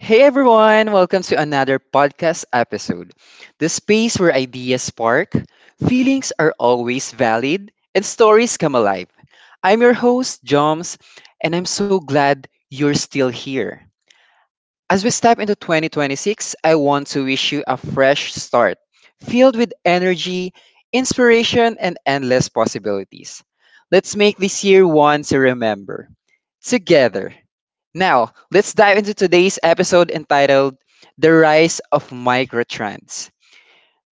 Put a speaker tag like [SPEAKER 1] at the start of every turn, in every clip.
[SPEAKER 1] Hey everyone, welcome to another podcast episode. The space where ideas spark, feelings are always valid, and stories come alive. I'm your host, Joms, and I'm so glad you're still here. As we step into 2026, I want to wish you a fresh start, filled with energy, inspiration, and endless possibilities. Let's make this year one to remember. Together. Now, let's dive into today's episode entitled The Rise of Microtrends.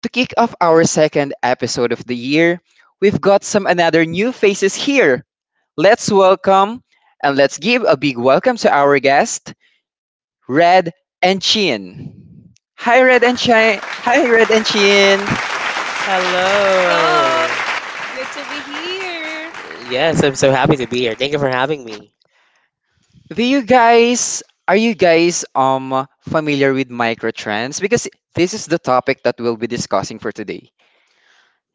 [SPEAKER 1] To kick off our second episode of the year, we've got some another new faces here. Let's welcome and let's give a big welcome to our guest, Red and Chin. Hi Red and Chin. Hi Red and Chin.
[SPEAKER 2] Hello.
[SPEAKER 3] Hello, good to be here.
[SPEAKER 2] Yes, I'm so happy to be here. Thank you for having me.
[SPEAKER 1] Do you guys are you guys familiar with microtrends because this is the topic that we'll be discussing for today.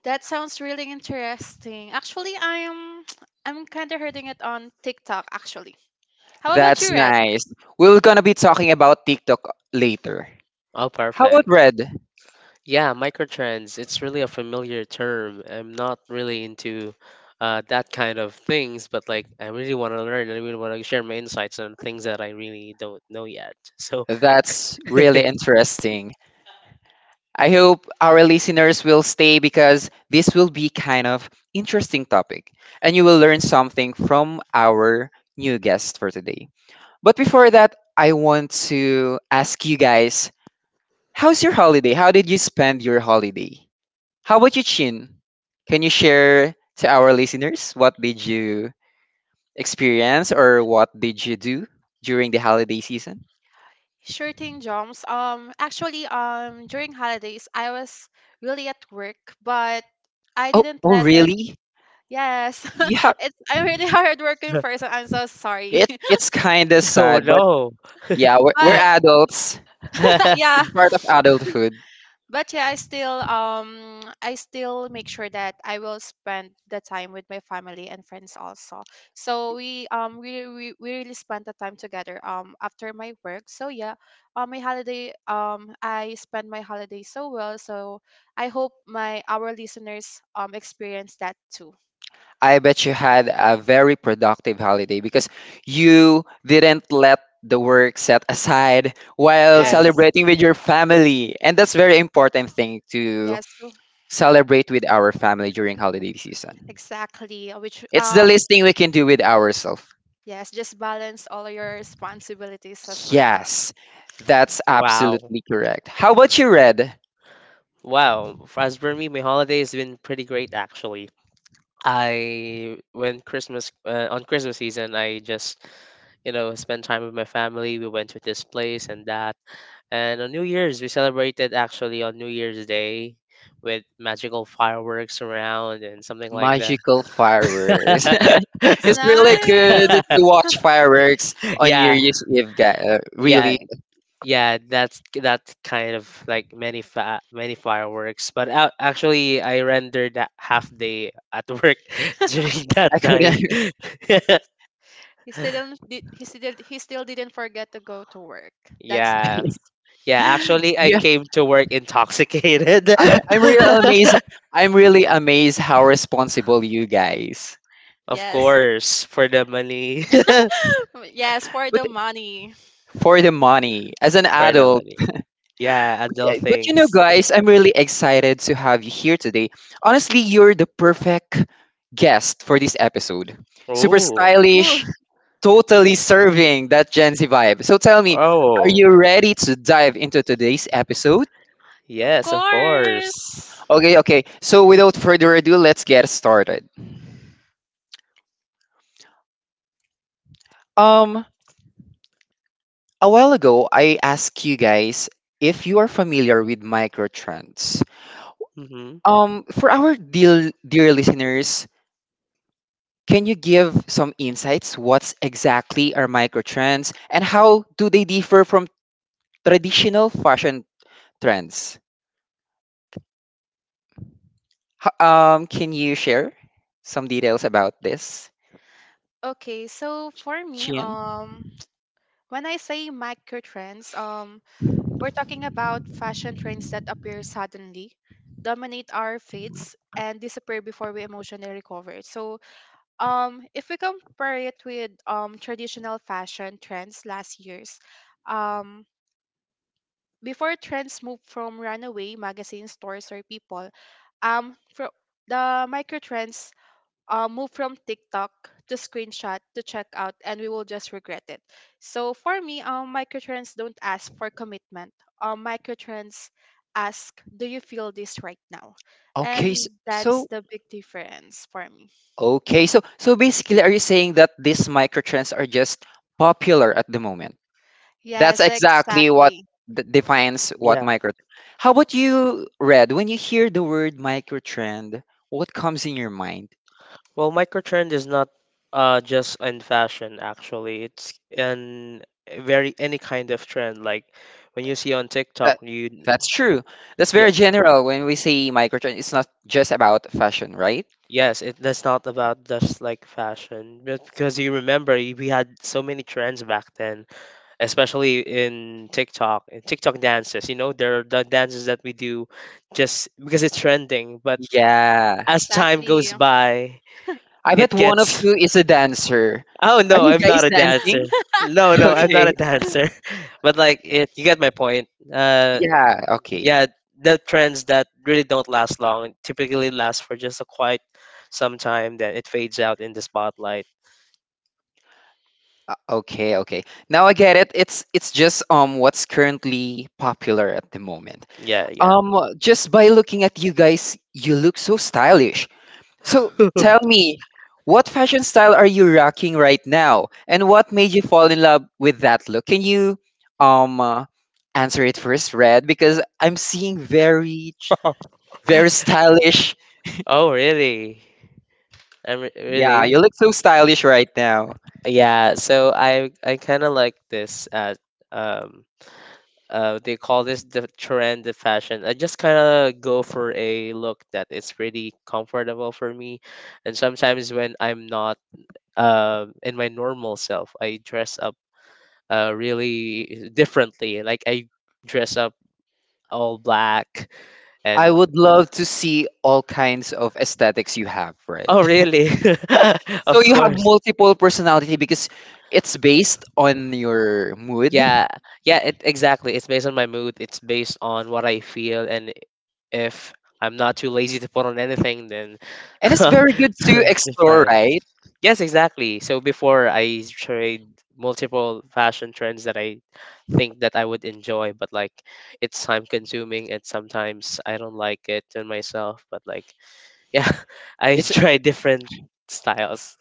[SPEAKER 3] That sounds really interesting. Actually, I'm I'm kind of hearing it on TikTok actually. How about you,
[SPEAKER 1] That's
[SPEAKER 3] Red?
[SPEAKER 1] nice. We're gonna be talking about TikTok later.
[SPEAKER 2] Oh,
[SPEAKER 1] How about
[SPEAKER 2] perfect.
[SPEAKER 1] Red?
[SPEAKER 2] Yeah, microtrends. It's really a familiar term. I'm not really into that kind of things, but like I really want to learn. I really want to share my insights on things that I really don't know yet. So,
[SPEAKER 1] That's really interesting. I hope our listeners will stay because this will be kind of interesting topic and you will learn something from our new guest for today. But before that, I want to ask you guys, how's your holiday? How did you spend your holiday? How about you, Chin? Can you share to our listeners what did you experience or what did you do during the holiday season?
[SPEAKER 3] Sure thing, Joms. Actually, during holidays, I was really at work, but I
[SPEAKER 1] Oh,
[SPEAKER 3] didn't
[SPEAKER 1] oh,
[SPEAKER 3] let it.
[SPEAKER 1] really?
[SPEAKER 3] Yes,
[SPEAKER 1] Yeah,
[SPEAKER 3] it's I'm really hard working person. I'm so sorry,
[SPEAKER 1] it's kind of
[SPEAKER 2] oh
[SPEAKER 1] sad, but
[SPEAKER 2] no.
[SPEAKER 1] yeah, we're
[SPEAKER 3] but
[SPEAKER 1] adults.
[SPEAKER 3] yeah,
[SPEAKER 1] It's part of adulthood.
[SPEAKER 3] but yeah, I still make sure that I will spend the time with my family and friends also, so we really spent the time together after my work. So yeah, my holiday, I spent my holiday so well, so I hope my our listeners experience that too.
[SPEAKER 1] I bet you had a very productive holiday because you didn't let the work set aside while
[SPEAKER 3] Yes,
[SPEAKER 2] Yes.
[SPEAKER 1] celebrating with your family, and that's very important thing to
[SPEAKER 3] yes.
[SPEAKER 1] celebrate with our family during holiday season.
[SPEAKER 3] Exactly. Which
[SPEAKER 1] It's the least thing we can do with ourselves.
[SPEAKER 3] Yes, just balance all your responsibilities as well.
[SPEAKER 1] Yes, that's
[SPEAKER 2] Wow.
[SPEAKER 1] absolutely correct. How about you, Red?
[SPEAKER 2] Wow. As for me, my holiday has been pretty great actually. I when Christmas On Christmas season, I just you know, spend time with my family. We went to this place and that. And on New Year's, we celebrated actually on New Year's Day with magical fireworks around and something like that.
[SPEAKER 1] Magical fireworks.
[SPEAKER 3] That's
[SPEAKER 1] It's really good
[SPEAKER 3] nice.
[SPEAKER 1] to watch fireworks on New
[SPEAKER 2] yeah,
[SPEAKER 1] Year's Eve, guy.
[SPEAKER 2] yeah,
[SPEAKER 1] Really,
[SPEAKER 2] yeah. That's that kind of like many fireworks. But actually, I rendered that half day at work during that
[SPEAKER 1] I
[SPEAKER 2] time.
[SPEAKER 1] couldn't.
[SPEAKER 3] He still did. He still didn't forget to go to work. That's
[SPEAKER 2] Yeah.
[SPEAKER 3] nice.
[SPEAKER 2] Yeah, actually I
[SPEAKER 1] Yeah,
[SPEAKER 2] came to work intoxicated.
[SPEAKER 1] I, I'm really amazed. I'm really amazed how responsible you guys.
[SPEAKER 2] Of
[SPEAKER 3] Yes,
[SPEAKER 2] course, for the money. For
[SPEAKER 3] yes, for
[SPEAKER 1] But
[SPEAKER 3] the money.
[SPEAKER 1] for the money, as an
[SPEAKER 2] the
[SPEAKER 1] adult.
[SPEAKER 2] money. Yeah,
[SPEAKER 1] But, yeah,
[SPEAKER 2] adult
[SPEAKER 1] but you know,
[SPEAKER 2] things.
[SPEAKER 1] guys, I'm really excited to have you here today. Honestly, you're the perfect guest for this episode. Super
[SPEAKER 2] Oh.
[SPEAKER 3] Woo,
[SPEAKER 1] stylish, totally serving that Gen Z vibe. So tell me, are
[SPEAKER 2] Oh.
[SPEAKER 1] you ready to dive into today's episode?
[SPEAKER 3] of
[SPEAKER 2] Yes, of
[SPEAKER 3] course.
[SPEAKER 2] course.
[SPEAKER 1] Okay, okay. So without further ado, let's get started. Um, a while ago, I asked you guys if you are familiar with microtrends.
[SPEAKER 2] Mhm.
[SPEAKER 1] For our dear, dear listeners, can you give some insights? What's exactly are microtrends and how do they differ from traditional fashion trends? Can you share some details about this,
[SPEAKER 3] Okay, so for me,
[SPEAKER 1] Chien?
[SPEAKER 3] when I say micro trends, we're talking about fashion trends that appear suddenly, dominate our feeds, and disappear before we emotionally recover. So, if we compare it with traditional fashion trends last year's, um, before trends moved from runaway magazine stores or people, um, fro- the micro trends moved from TikTok to screenshot to checkout, and we will just regret it. So for me, micro trends don't ask for commitment. Micro trends ask, "Do you feel this right now?"
[SPEAKER 1] Okay,
[SPEAKER 3] And
[SPEAKER 1] s-
[SPEAKER 3] that's
[SPEAKER 1] so
[SPEAKER 3] the big difference for me.
[SPEAKER 1] okay, so so basically, are you saying that these microtrends are just popular at the moment? That's
[SPEAKER 3] Yes,
[SPEAKER 1] exactly what
[SPEAKER 3] exactly,
[SPEAKER 1] defines what
[SPEAKER 2] Yeah.
[SPEAKER 1] micro. How about you, Red? When you hear the word microtrend, what comes in your mind?
[SPEAKER 2] Well, microtrend is not just in fashion actually. It's in very any kind of trend like when you see on TikTok,
[SPEAKER 1] That
[SPEAKER 2] you
[SPEAKER 1] that's true. That's
[SPEAKER 2] yeah,
[SPEAKER 1] very general when we say microtrend. It's not just about fashion, right?
[SPEAKER 2] yes, it that's not about just like fashion, but because you remember we had so many trends back then, especially in TikTok dances. You know, there are the dances that we do just because it's trending, but
[SPEAKER 1] Yeah.
[SPEAKER 2] as time goes
[SPEAKER 3] exactly.
[SPEAKER 2] by,
[SPEAKER 1] I bet
[SPEAKER 2] it
[SPEAKER 1] one of
[SPEAKER 2] gets.
[SPEAKER 1] you is a dancer.
[SPEAKER 2] Oh
[SPEAKER 1] Are
[SPEAKER 2] no,
[SPEAKER 1] you
[SPEAKER 2] I'm
[SPEAKER 1] guys
[SPEAKER 2] not a dancer.
[SPEAKER 1] dancing?
[SPEAKER 2] No, no, I'm not
[SPEAKER 1] Okay.
[SPEAKER 2] a dancer. But like it, you get my point.
[SPEAKER 1] Yeah, okay.
[SPEAKER 2] Yeah, the trends that really don't last long typically last for just a quite some time, then it fades out in the spotlight.
[SPEAKER 1] Okay, okay. Now I get it. It's just what's currently popular at the moment.
[SPEAKER 2] Yeah, yeah.
[SPEAKER 1] Um just by looking at you guys, you look so stylish. So tell me, what fashion style are you rocking right now, and what made you fall in love with that look? Can you um uh, answer it first, Red? Because I'm seeing very stylish.
[SPEAKER 2] Oh really? I'm re-
[SPEAKER 1] Yeah, you
[SPEAKER 2] Really.
[SPEAKER 1] look so stylish right now.
[SPEAKER 2] Yeah. So I kind of like this um they call this the trend the fashion. I just kind of go for a look that is pretty comfortable for me, and sometimes when I'm not in my normal self, I dress up really differently. Like I dress up all black
[SPEAKER 1] I
[SPEAKER 2] and
[SPEAKER 1] would love to see all kinds of aesthetics you have, Red.
[SPEAKER 2] oh really?
[SPEAKER 1] So
[SPEAKER 2] Of
[SPEAKER 1] you have
[SPEAKER 2] course.
[SPEAKER 1] multiple personality because it's based on your mood,
[SPEAKER 2] Yeah, yeah, it exactly. It's based on my mood. It's based on what I feel, and if I'm not too lazy to put on anything, then
[SPEAKER 1] and it's very good to
[SPEAKER 2] it's
[SPEAKER 1] explore,
[SPEAKER 2] fine.
[SPEAKER 1] right?
[SPEAKER 2] Yes, exactly. So before I tried multiple fashion trends that I think that I would enjoy, but like it's time consuming and sometimes I don't like it in myself. But like, yeah, I
[SPEAKER 1] It's
[SPEAKER 2] try different styles.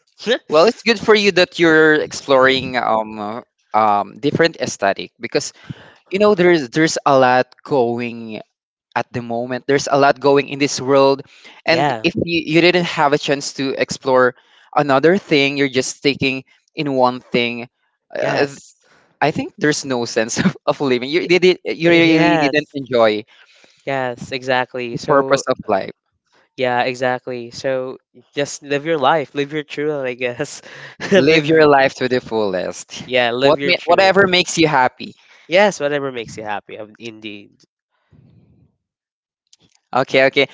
[SPEAKER 1] Well, it's good for you that you're exploring different aesthetic because you know there's a lot going at the moment. There's a lot going in this world, and
[SPEAKER 2] Yeah.
[SPEAKER 1] if you, you didn't have a chance to explore another thing, you're just sticking in one thing. Uh, th-
[SPEAKER 2] Yes.
[SPEAKER 1] I think there's no sense of living.
[SPEAKER 2] Y-
[SPEAKER 1] You really didn't
[SPEAKER 2] yes.
[SPEAKER 1] enjoy
[SPEAKER 2] Yes. Exactly.
[SPEAKER 1] the purpose
[SPEAKER 2] So
[SPEAKER 1] of life.
[SPEAKER 2] yeah, exactly. So just live your life, live your truth, I guess.
[SPEAKER 1] Live
[SPEAKER 2] Live,
[SPEAKER 1] your life to the fullest.
[SPEAKER 2] yeah, live your truth.
[SPEAKER 1] Whatever makes you happy.
[SPEAKER 2] Yes, whatever makes you happy. Indeed.
[SPEAKER 1] Okay, okay.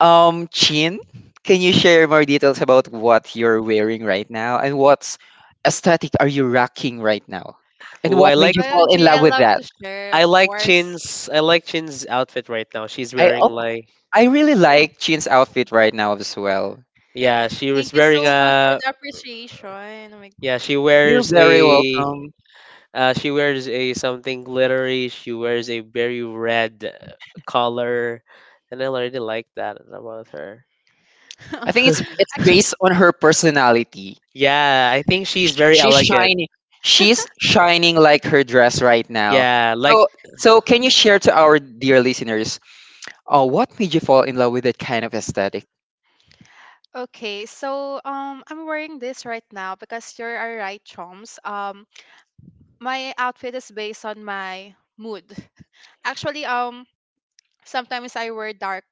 [SPEAKER 1] Chin, can you share more details about what you're wearing right now and what's aesthetic are you rocking right now? And
[SPEAKER 2] Oh, I
[SPEAKER 1] what made
[SPEAKER 2] like,
[SPEAKER 1] you fall in
[SPEAKER 3] OMG,
[SPEAKER 1] love
[SPEAKER 3] I
[SPEAKER 1] with
[SPEAKER 3] love
[SPEAKER 1] that?
[SPEAKER 3] to share, of course.
[SPEAKER 2] I like Chin's outfit right now. She's
[SPEAKER 1] I
[SPEAKER 2] wearing
[SPEAKER 1] oh,
[SPEAKER 2] like,
[SPEAKER 1] I really like Chin's outfit right now as well.
[SPEAKER 2] yeah, she was
[SPEAKER 3] Thank you
[SPEAKER 2] wearing
[SPEAKER 3] so much for
[SPEAKER 2] a,
[SPEAKER 3] the appreciation. Oh my
[SPEAKER 2] yeah,
[SPEAKER 1] You're very welcome.
[SPEAKER 2] she wears a something glittery. She wears a very red color, and I already like that about her.
[SPEAKER 1] I think it's it's
[SPEAKER 3] Actually,
[SPEAKER 1] based on her personality.
[SPEAKER 2] Yeah, I think she's very
[SPEAKER 1] She's
[SPEAKER 2] elegant.
[SPEAKER 1] shining. She's shining like her dress right now.
[SPEAKER 2] Yeah, like
[SPEAKER 1] So so can you share to our dear listeners, what made you fall in love with that kind of aesthetic?
[SPEAKER 3] okay, so I'm wearing this right now because you're all right, Choms. My outfit is based on my mood. Actually, sometimes I wear dark,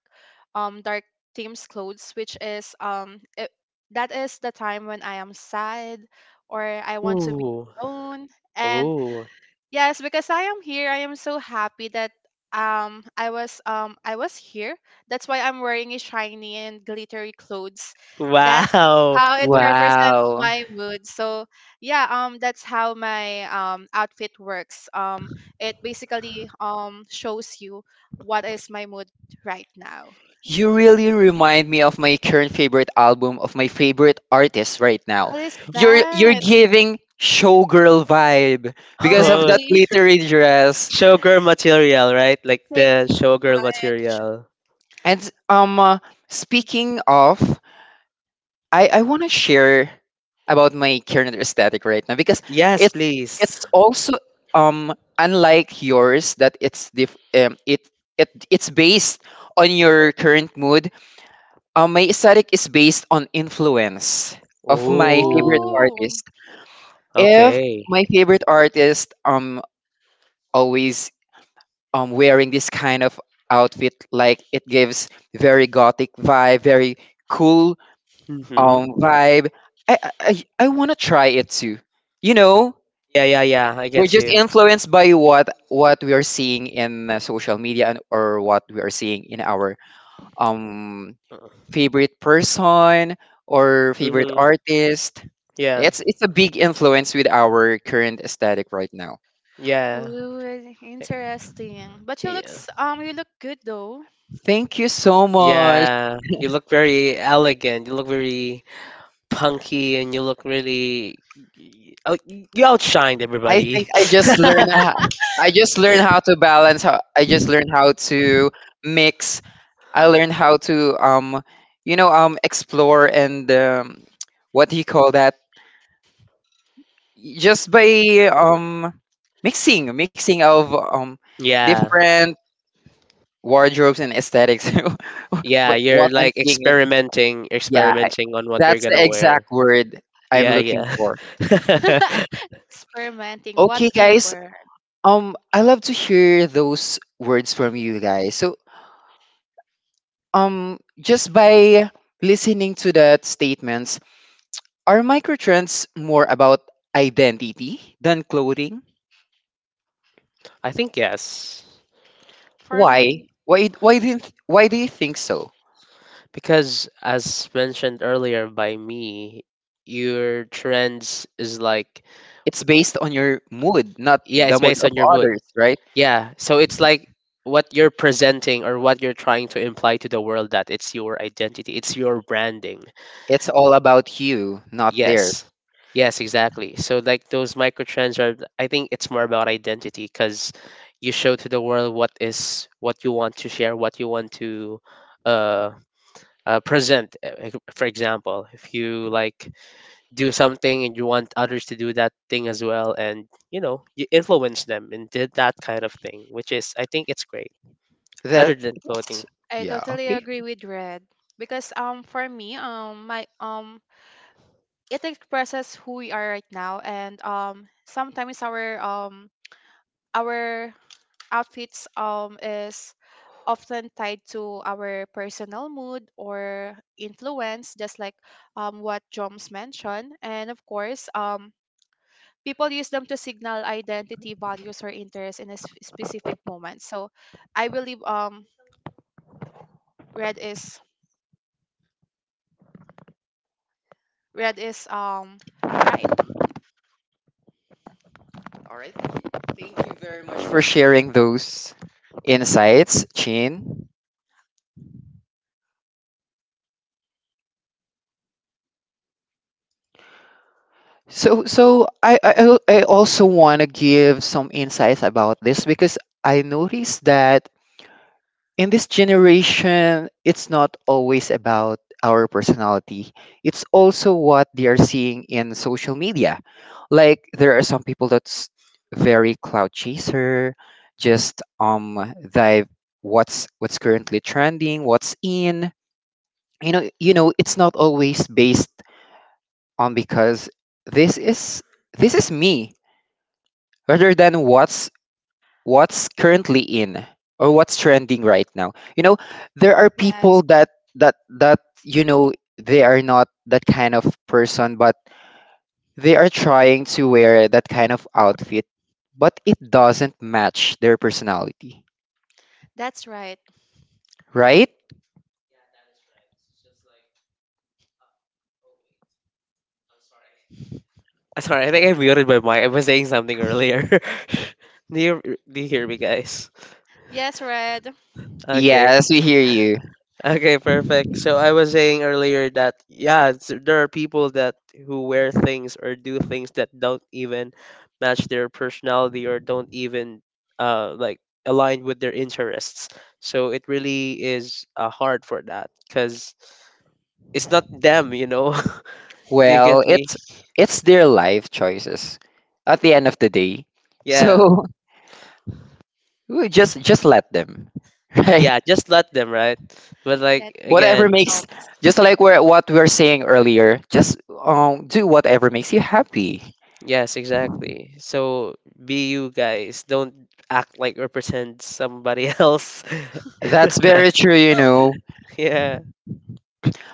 [SPEAKER 3] dark themes clothes, which is that is the time when I am sad or I want to be
[SPEAKER 2] ooh,
[SPEAKER 3] alone. And
[SPEAKER 2] ooh,
[SPEAKER 3] yes, because I am here. I am so happy that I was here. That's why I'm wearing a shiny and glittery clothes. That's
[SPEAKER 2] wow,
[SPEAKER 3] how it represents
[SPEAKER 1] Wow.
[SPEAKER 3] my mood. So yeah, that's how my outfit works. It basically shows you what is my mood right now.
[SPEAKER 1] You
[SPEAKER 3] Yeah.
[SPEAKER 1] really remind me of my current favorite album of my favorite artist right now.
[SPEAKER 3] What is
[SPEAKER 1] You're
[SPEAKER 3] that?
[SPEAKER 1] giving showgirl vibe because of
[SPEAKER 2] oh,
[SPEAKER 1] that
[SPEAKER 3] OMG.
[SPEAKER 1] glittery dress.
[SPEAKER 2] showgirl material, right? Like
[SPEAKER 3] Take
[SPEAKER 2] the showgirl
[SPEAKER 3] mine.
[SPEAKER 2] material.
[SPEAKER 1] And um uh, speaking of, I want to share about my current aesthetic right now because
[SPEAKER 2] Yes,
[SPEAKER 1] it's
[SPEAKER 2] please.
[SPEAKER 1] it's also unlike yours that it it's based on your current mood. My aesthetic is based on influence of my favorite
[SPEAKER 2] Ooh,
[SPEAKER 3] Oh.
[SPEAKER 1] artist. If
[SPEAKER 2] okay.
[SPEAKER 1] my favorite artist always wearing this kind of outfit, like it gives very gothic vibe, very cool
[SPEAKER 2] Mm-hmm.
[SPEAKER 1] vibe, I want to try it too. You know,
[SPEAKER 2] Yeah, yeah, yeah. I
[SPEAKER 1] we're
[SPEAKER 2] get
[SPEAKER 1] just
[SPEAKER 2] you.
[SPEAKER 1] influenced by what we are seeing in social media and, or what we are seeing in our um favorite person or favorite
[SPEAKER 2] Mm-hmm.
[SPEAKER 1] artist.
[SPEAKER 2] Yeah,
[SPEAKER 1] It's a big influence with our current aesthetic right now.
[SPEAKER 2] yeah,
[SPEAKER 3] Ooh,
[SPEAKER 2] I-
[SPEAKER 3] interesting. But you
[SPEAKER 2] yeah,
[SPEAKER 3] looks um you look good though.
[SPEAKER 1] Thank you so much.
[SPEAKER 2] yeah. You look very elegant. You look very punky, and you look really. Oh, you outshined
[SPEAKER 1] I think
[SPEAKER 2] everybody.
[SPEAKER 1] I just learned how, I just learned how to balance how to mix. I learned how to you know explore and what do you call that just by mixing of
[SPEAKER 2] Yeah.
[SPEAKER 1] different wardrobes and aesthetics.
[SPEAKER 2] Yeah,
[SPEAKER 1] but
[SPEAKER 2] you're
[SPEAKER 1] what I'm
[SPEAKER 2] like
[SPEAKER 1] seeing, in-
[SPEAKER 2] experimenting,
[SPEAKER 1] Yeah,
[SPEAKER 2] experimenting on what you're
[SPEAKER 1] that's the
[SPEAKER 2] gonna wear.
[SPEAKER 1] exact word I'm
[SPEAKER 2] Yeah,
[SPEAKER 1] looking
[SPEAKER 2] yeah.
[SPEAKER 1] for.
[SPEAKER 3] Experimenting, what
[SPEAKER 1] Okay,
[SPEAKER 3] a
[SPEAKER 1] guys.
[SPEAKER 3] word.
[SPEAKER 1] I love to hear those words from you guys. So, just by listening to that statements, are microtrends more about identity than clothing?
[SPEAKER 2] I think yes.
[SPEAKER 3] For
[SPEAKER 1] Why?
[SPEAKER 3] me,
[SPEAKER 1] Why? Why do you think so?
[SPEAKER 2] Because as mentioned earlier by me, your trends is like
[SPEAKER 1] It's based on your mood, not
[SPEAKER 2] yeah,
[SPEAKER 1] the
[SPEAKER 2] it's
[SPEAKER 1] mood
[SPEAKER 2] based
[SPEAKER 1] of
[SPEAKER 2] on your mood.
[SPEAKER 1] others, right?
[SPEAKER 2] Yeah, so it's like what you're presenting or what you're trying to imply to the world that it's your identity, it's your branding.
[SPEAKER 1] It's all about you, not theirs.
[SPEAKER 2] Yes. Yes, exactly. So like those microtrends are I think it's more about identity cuz you show to the world what is what you want to share, what you want to uh, present. Like, for example, if you like do something and you want others to do that thing as well and you know, you influence them and
[SPEAKER 1] That that's
[SPEAKER 3] I
[SPEAKER 1] Yeah,
[SPEAKER 3] totally
[SPEAKER 1] okay.
[SPEAKER 3] agree with Red because for me my it expresses who we are right now, and sometimes our outfits is often tied to our personal mood or influence, just like what Joms mentioned. And of course, people use them to signal identity, values, or interests in a specific moment. So I believe red is red is right.
[SPEAKER 1] All right. Thank you very much for sharing those insights, Chin. So, I also want to give some insights about this because I noticed that in this generation, it's not always about our personality. It's also what they are seeing in social media. Like there are some people that's very cloud chaser, just dive what's currently trending, what's in. You know, it's not always based on because this is this is me rather than what's currently in or what's trending right now. You know, there are people
[SPEAKER 3] Yes,
[SPEAKER 1] that you know they are not that kind of person but they are trying to wear that kind of outfit but it doesn't match their personality,
[SPEAKER 3] that's right.
[SPEAKER 1] right?
[SPEAKER 2] sorry, I think I muted my mic. I was saying something earlier. do you do you hear me, guys?
[SPEAKER 3] Yes, Red.
[SPEAKER 2] Okay.
[SPEAKER 1] Yes, we hear you.
[SPEAKER 2] Okay, perfect. So I was saying earlier that yeah, there are people that who wear things or do things that don't even match their personality or don't even like align with their interests. So it really is hard for that cuz it's not them, you know. Do you get
[SPEAKER 1] well
[SPEAKER 2] me?
[SPEAKER 1] it's it's their life choices at the end of the day,
[SPEAKER 2] Yeah.
[SPEAKER 1] so just let them, right?
[SPEAKER 2] Yeah, just let them, right? But
[SPEAKER 3] Let
[SPEAKER 2] like
[SPEAKER 3] them be
[SPEAKER 2] again,
[SPEAKER 1] whatever makes
[SPEAKER 3] themselves.
[SPEAKER 1] Just like we're, what we are saying earlier, just do whatever makes you happy.
[SPEAKER 2] yes, exactly. So be you guys. Don't act like or pretend somebody else.
[SPEAKER 1] That's very true, you know.
[SPEAKER 2] Yeah.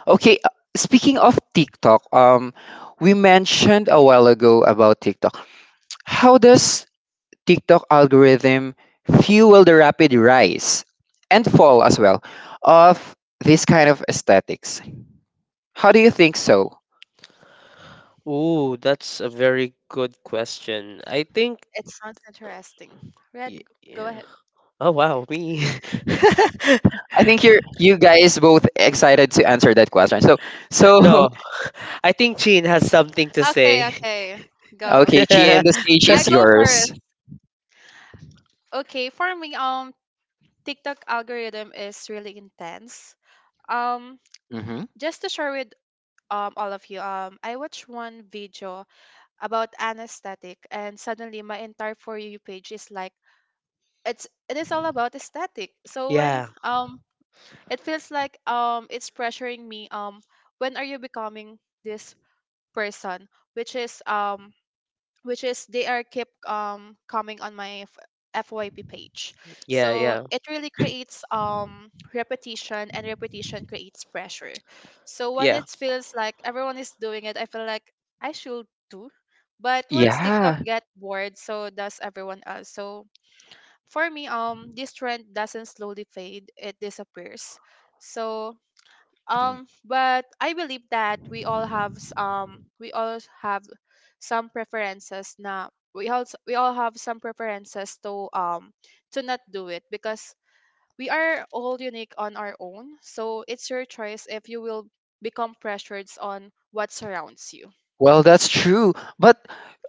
[SPEAKER 1] Okay, speaking of TikTok, we mentioned a while ago about TikTok. How does TikTok algorithm fuel the rapid rise and fall as well of this kind of aesthetics? How do you think so?
[SPEAKER 2] Ooh, that's a very good question. I think.
[SPEAKER 3] It sounds interesting. Red, g-
[SPEAKER 2] Yeah.
[SPEAKER 3] go ahead.
[SPEAKER 2] Oh wow, me.
[SPEAKER 1] I think you guys both excited to answer that question, so
[SPEAKER 2] No,
[SPEAKER 1] so
[SPEAKER 2] I think Chin has something to
[SPEAKER 3] Okay,
[SPEAKER 2] say.
[SPEAKER 3] okay, go.
[SPEAKER 1] okay,
[SPEAKER 2] yeah,
[SPEAKER 1] Chien, the stage
[SPEAKER 3] I
[SPEAKER 1] is
[SPEAKER 3] go
[SPEAKER 1] yours.
[SPEAKER 3] first. Okay, for me, TikTok algorithm is really intense. Um,
[SPEAKER 1] Hmm.
[SPEAKER 3] just to share with all of you, I watched one video about anesthetic and suddenly my entire for you page is like it is all about aesthetic. So when
[SPEAKER 2] yeah,
[SPEAKER 3] it feels like it's pressuring me, when are you becoming this person, which is um which is they are kept coming on my FYP page. So
[SPEAKER 2] yeah,
[SPEAKER 3] it really creates repetition, and repetition creates pressure. So when
[SPEAKER 2] yeah.
[SPEAKER 3] it feels like everyone is doing it, I feel like I should too. But once TikTok
[SPEAKER 1] Yeah.
[SPEAKER 3] get bored, so does everyone else. So for me, this trend doesn't slowly fade, it disappears. So but I believe that we all have some preferences na, we all have some preferences to not do it because we are all unique on our own. So it's your choice if you will become pressured on what surrounds you.
[SPEAKER 1] Well, that's true. But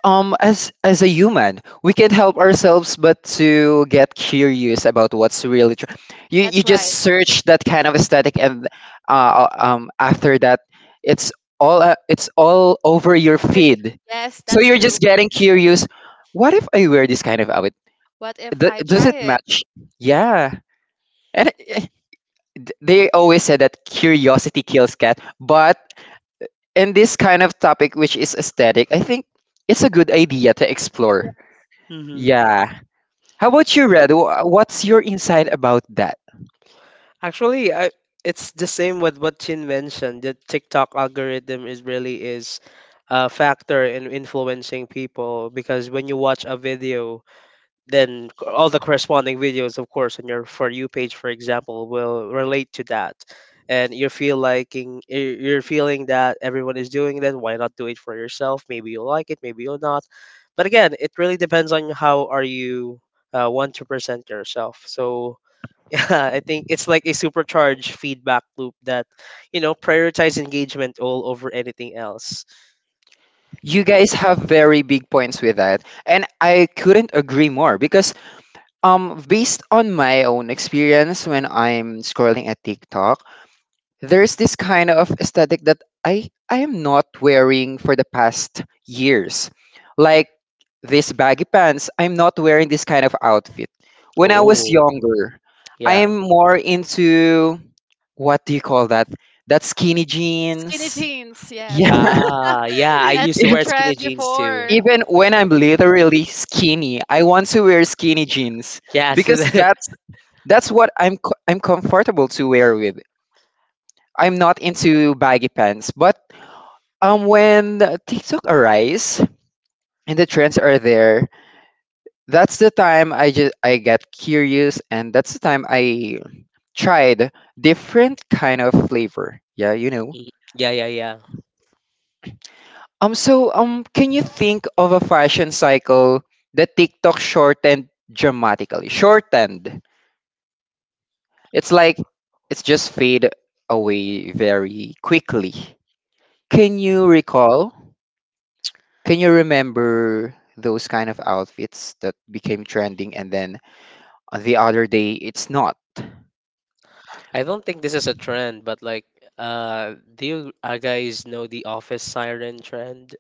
[SPEAKER 1] as a human, we can help ourselves, but to get curious about what's really true. You
[SPEAKER 3] That's
[SPEAKER 1] just
[SPEAKER 3] right.
[SPEAKER 1] search that kind of aesthetic, and after that, it's it's all over your
[SPEAKER 3] Where do-
[SPEAKER 1] feed.
[SPEAKER 3] yes,
[SPEAKER 1] So
[SPEAKER 3] that's
[SPEAKER 1] you're
[SPEAKER 3] true.
[SPEAKER 1] just getting curious. What if I wear this kind of outfit?
[SPEAKER 3] What if I
[SPEAKER 1] Does
[SPEAKER 3] try
[SPEAKER 1] it
[SPEAKER 3] it.
[SPEAKER 1] match? Yeah. And they always said that curiosity kills cat, but in this kind of topic which is aesthetic, I think it's a good idea to
[SPEAKER 3] Yeah.
[SPEAKER 1] explore.
[SPEAKER 2] Hmm.
[SPEAKER 1] Yeah. How about you, red? What's your insight about that?
[SPEAKER 2] Actually, it's the same with what Chin mentioned. The TikTok algorithm is a factor in influencing people because when you watch a video, then all the corresponding videos, of course, on your for you page, for example, will relate to that, and you feel liking, you're feeling that everyone is doing that. Why not do it for yourself? Maybe you like it, maybe you'll not. But again, it really depends on how are you want to present yourself. So yeah, I think it's like a supercharged feedback loop that, you know, prioritize engagement all over anything else.
[SPEAKER 1] You guys have very big points with that, and I couldn't agree more because based on my own experience when I'm scrolling at TikTok, there's this kind of aesthetic that I am not wearing for the past years. Like these baggy pants, I'm not wearing this kind of outfit. When I
[SPEAKER 3] Oh.
[SPEAKER 1] was
[SPEAKER 2] Oh,
[SPEAKER 1] younger, I
[SPEAKER 2] yeah.
[SPEAKER 1] am more into what do you call that? That skinny
[SPEAKER 3] Skinny
[SPEAKER 1] jeans.
[SPEAKER 3] jeans, yes.
[SPEAKER 1] Yeah.
[SPEAKER 2] Yeah, yeah. I used
[SPEAKER 3] That's
[SPEAKER 2] to
[SPEAKER 3] the
[SPEAKER 2] wear skinny
[SPEAKER 3] trend
[SPEAKER 2] jeans too.
[SPEAKER 3] before.
[SPEAKER 1] Even when I'm literally skinny, I want to wear skinny jeans
[SPEAKER 2] Yeah, so
[SPEAKER 1] because
[SPEAKER 2] the-
[SPEAKER 1] that's what I'm comfortable to wear with. I'm not into baggy pants, but when TikTok arise and the trends are there, that's the time I get curious and that's the time I tried different kind of flavor. Yeah, you know.
[SPEAKER 2] Mm, yeah.
[SPEAKER 1] Can you think of a fashion cycle that TikTok shortened dramatically? Shortened. It's like it's just fade away very quickly. Can you recall? Can you remember those kind of outfits that became trending and then the other day it's not?
[SPEAKER 2] I don't think this is a trend, but like, do you guys know the office siren trend,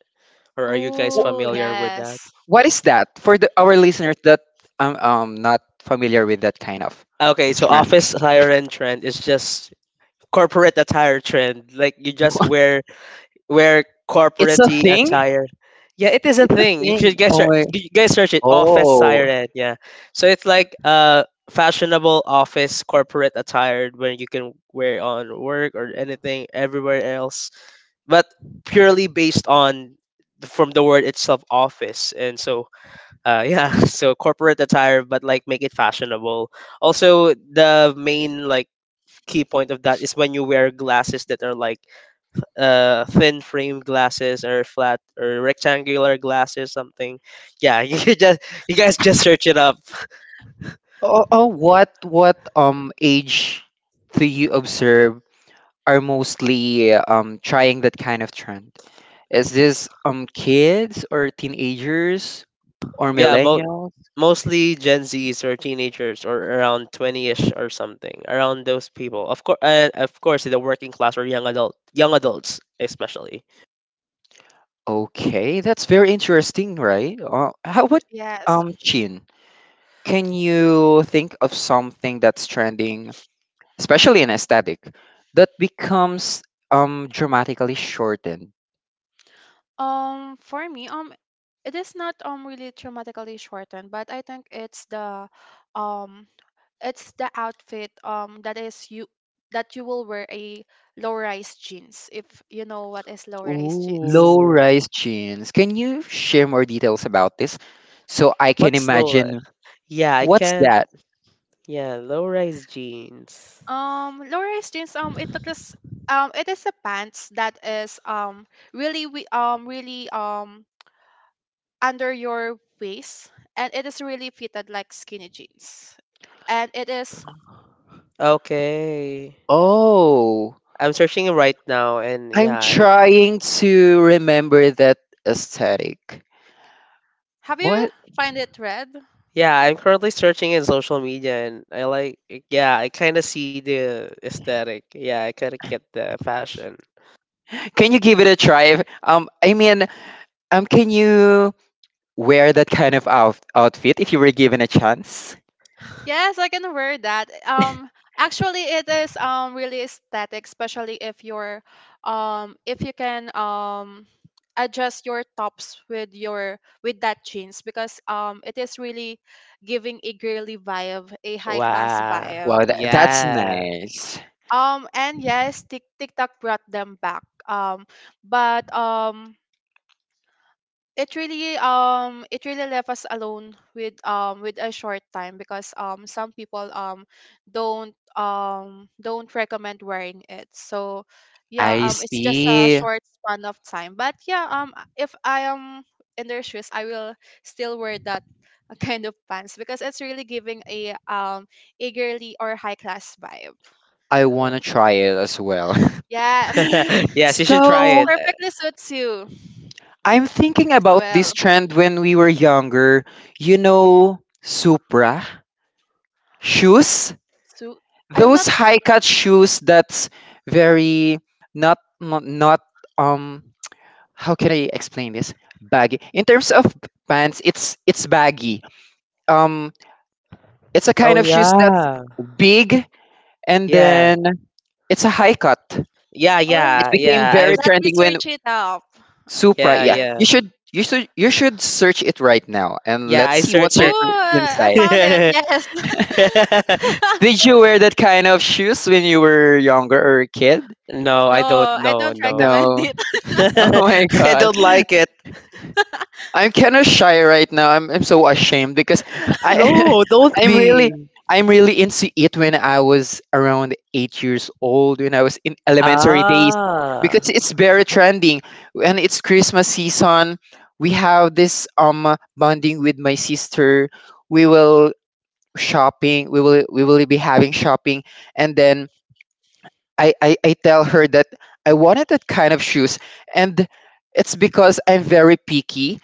[SPEAKER 2] or are you guys
[SPEAKER 1] Wh-
[SPEAKER 3] Oh
[SPEAKER 2] familiar with that?
[SPEAKER 3] yes.
[SPEAKER 1] What is that for our listeners that not familiar with that kind of
[SPEAKER 2] Okay, so
[SPEAKER 1] trend?
[SPEAKER 2] office siren trend is just corporate attire trend. Like you just wear
[SPEAKER 1] It's
[SPEAKER 2] corporate
[SPEAKER 1] a thing.
[SPEAKER 2] attire. Yeah, it is a
[SPEAKER 1] It's a
[SPEAKER 2] thing. You
[SPEAKER 1] thing.
[SPEAKER 2] should guys search, you guys search it. Office
[SPEAKER 1] Oh,
[SPEAKER 2] siren. Yeah, so it's like fashionable office corporate attire where you can wear on work or anything everywhere else, but purely based on from the word itself, office. And so yeah, so corporate attire, but like make it fashionable. Also, the main like key point of that is when you wear glasses that are like thin frame glasses or flat or rectangular glasses, something. Yeah, you could just you guys just search it up.
[SPEAKER 1] oh, what age do you observe are mostly trying that kind of trend? Is this kids or teenagers or
[SPEAKER 2] Yeah,
[SPEAKER 1] millennials?
[SPEAKER 2] mostly Gen Zs or teenagers or around 20ish or something, around those people. Of course, and of course, the working class or young adult, young adults especially.
[SPEAKER 1] Okay, that's very interesting, right? How
[SPEAKER 3] Y-
[SPEAKER 1] about
[SPEAKER 3] Yes.
[SPEAKER 1] Chin? Can you think of something that's trending, especially in aesthetic, that becomes dramatically shortened?
[SPEAKER 3] For me, it is not really dramatically shortened, but I think um it's the outfit that you will wear a low-rise jeans, if you know what is low-rise jeans.
[SPEAKER 1] Low
[SPEAKER 2] Ooh,
[SPEAKER 1] rise jeans. Can you share more details about this so I can
[SPEAKER 2] what's low rise?
[SPEAKER 1] imagine
[SPEAKER 2] Yeah, I
[SPEAKER 1] what's
[SPEAKER 2] can't.
[SPEAKER 1] that?
[SPEAKER 2] Yeah, low rise jeans.
[SPEAKER 3] Low-rise jeans, it looks as- it is a pants that is really under your waist, and it is really fitted like skinny jeans, and it is
[SPEAKER 2] Okay,
[SPEAKER 1] Oh,
[SPEAKER 2] I'm searching it right now, and yeah,
[SPEAKER 1] I'm
[SPEAKER 2] I
[SPEAKER 1] trying to remember that aesthetic.
[SPEAKER 3] have you
[SPEAKER 1] What?
[SPEAKER 3] find it, Red?
[SPEAKER 2] yeah, I'm currently searching in social media and I like yeah, I kind of see the aesthetic. Yeah, I kind of get the fashion.
[SPEAKER 1] Can you give it a try? I mean, can you wear that kind of outfit if you were given a chance?
[SPEAKER 3] Yes, I can wear that. Actually, it is really aesthetic, especially if you're if you can adjust your tops with your with that jeans, because it is really giving a girly vibe, a high class
[SPEAKER 2] Wow.
[SPEAKER 1] Wow,
[SPEAKER 3] vibe.
[SPEAKER 1] that's
[SPEAKER 2] Yeah.
[SPEAKER 1] nice.
[SPEAKER 3] And yes, TikTok brought them back. But it really left us alone with a short time, because some people don't recommend wearing it. So yeah,
[SPEAKER 1] I
[SPEAKER 3] it's just a
[SPEAKER 1] see.
[SPEAKER 3] short span of time. But yeah, if I am in their shoes, I will still wear that kind of pants, because it's really giving a girly or high class vibe.
[SPEAKER 1] I want
[SPEAKER 2] Uh,
[SPEAKER 1] to try it as well.
[SPEAKER 3] Yes,
[SPEAKER 2] yes, you should try
[SPEAKER 3] that's
[SPEAKER 1] So,
[SPEAKER 2] it.
[SPEAKER 3] perfectly suits you
[SPEAKER 1] I'm thinking
[SPEAKER 3] as
[SPEAKER 1] about this
[SPEAKER 3] well,
[SPEAKER 1] trend when we were younger. You know, Supra shoes?
[SPEAKER 3] so i'm
[SPEAKER 1] Those
[SPEAKER 3] not
[SPEAKER 1] high-cut shoes that's very not, um how can I explain this? Baggy. In terms of pants, it's baggy. Um it's a
[SPEAKER 2] Oh
[SPEAKER 1] kind of shoes that's
[SPEAKER 2] yeah.
[SPEAKER 1] big and
[SPEAKER 2] Yeah.
[SPEAKER 1] then it's a high cut.
[SPEAKER 2] Yeah,
[SPEAKER 1] It
[SPEAKER 2] yeah.
[SPEAKER 1] became
[SPEAKER 3] OMG,
[SPEAKER 2] Yeah. I
[SPEAKER 1] very
[SPEAKER 3] let me
[SPEAKER 1] trending when
[SPEAKER 3] search it up. I'm
[SPEAKER 1] Supra.
[SPEAKER 2] yeah,
[SPEAKER 1] Yeah,
[SPEAKER 3] curious.
[SPEAKER 2] yeah.
[SPEAKER 1] you should you should you should search it right now and
[SPEAKER 2] Yeah,
[SPEAKER 1] let's
[SPEAKER 2] I
[SPEAKER 1] see what's
[SPEAKER 2] search
[SPEAKER 1] your
[SPEAKER 2] it.
[SPEAKER 3] Oh, I
[SPEAKER 1] inside.
[SPEAKER 3] found it. Yes.
[SPEAKER 1] Did you wear that kind of shoes when you were younger or a kid?
[SPEAKER 2] No,
[SPEAKER 3] No,
[SPEAKER 2] I don't.
[SPEAKER 3] I
[SPEAKER 2] No,
[SPEAKER 3] don't
[SPEAKER 2] no.
[SPEAKER 3] recommend
[SPEAKER 1] No.
[SPEAKER 3] it.
[SPEAKER 1] Oh my
[SPEAKER 2] I
[SPEAKER 1] god.
[SPEAKER 2] don't like it.
[SPEAKER 1] I'm kind of shy right now. I'm so ashamed because I
[SPEAKER 2] No, don't
[SPEAKER 1] I'm really
[SPEAKER 2] be.
[SPEAKER 1] I'm really into it when I was around 8 years old when I was in elementary days
[SPEAKER 2] Ah.
[SPEAKER 1] because it's very trending and it's Christmas season. We have this bonding with my sister. We will shopping. We will be having shopping and then I tell her that I wanted that kind of shoes and it's because I'm very picky.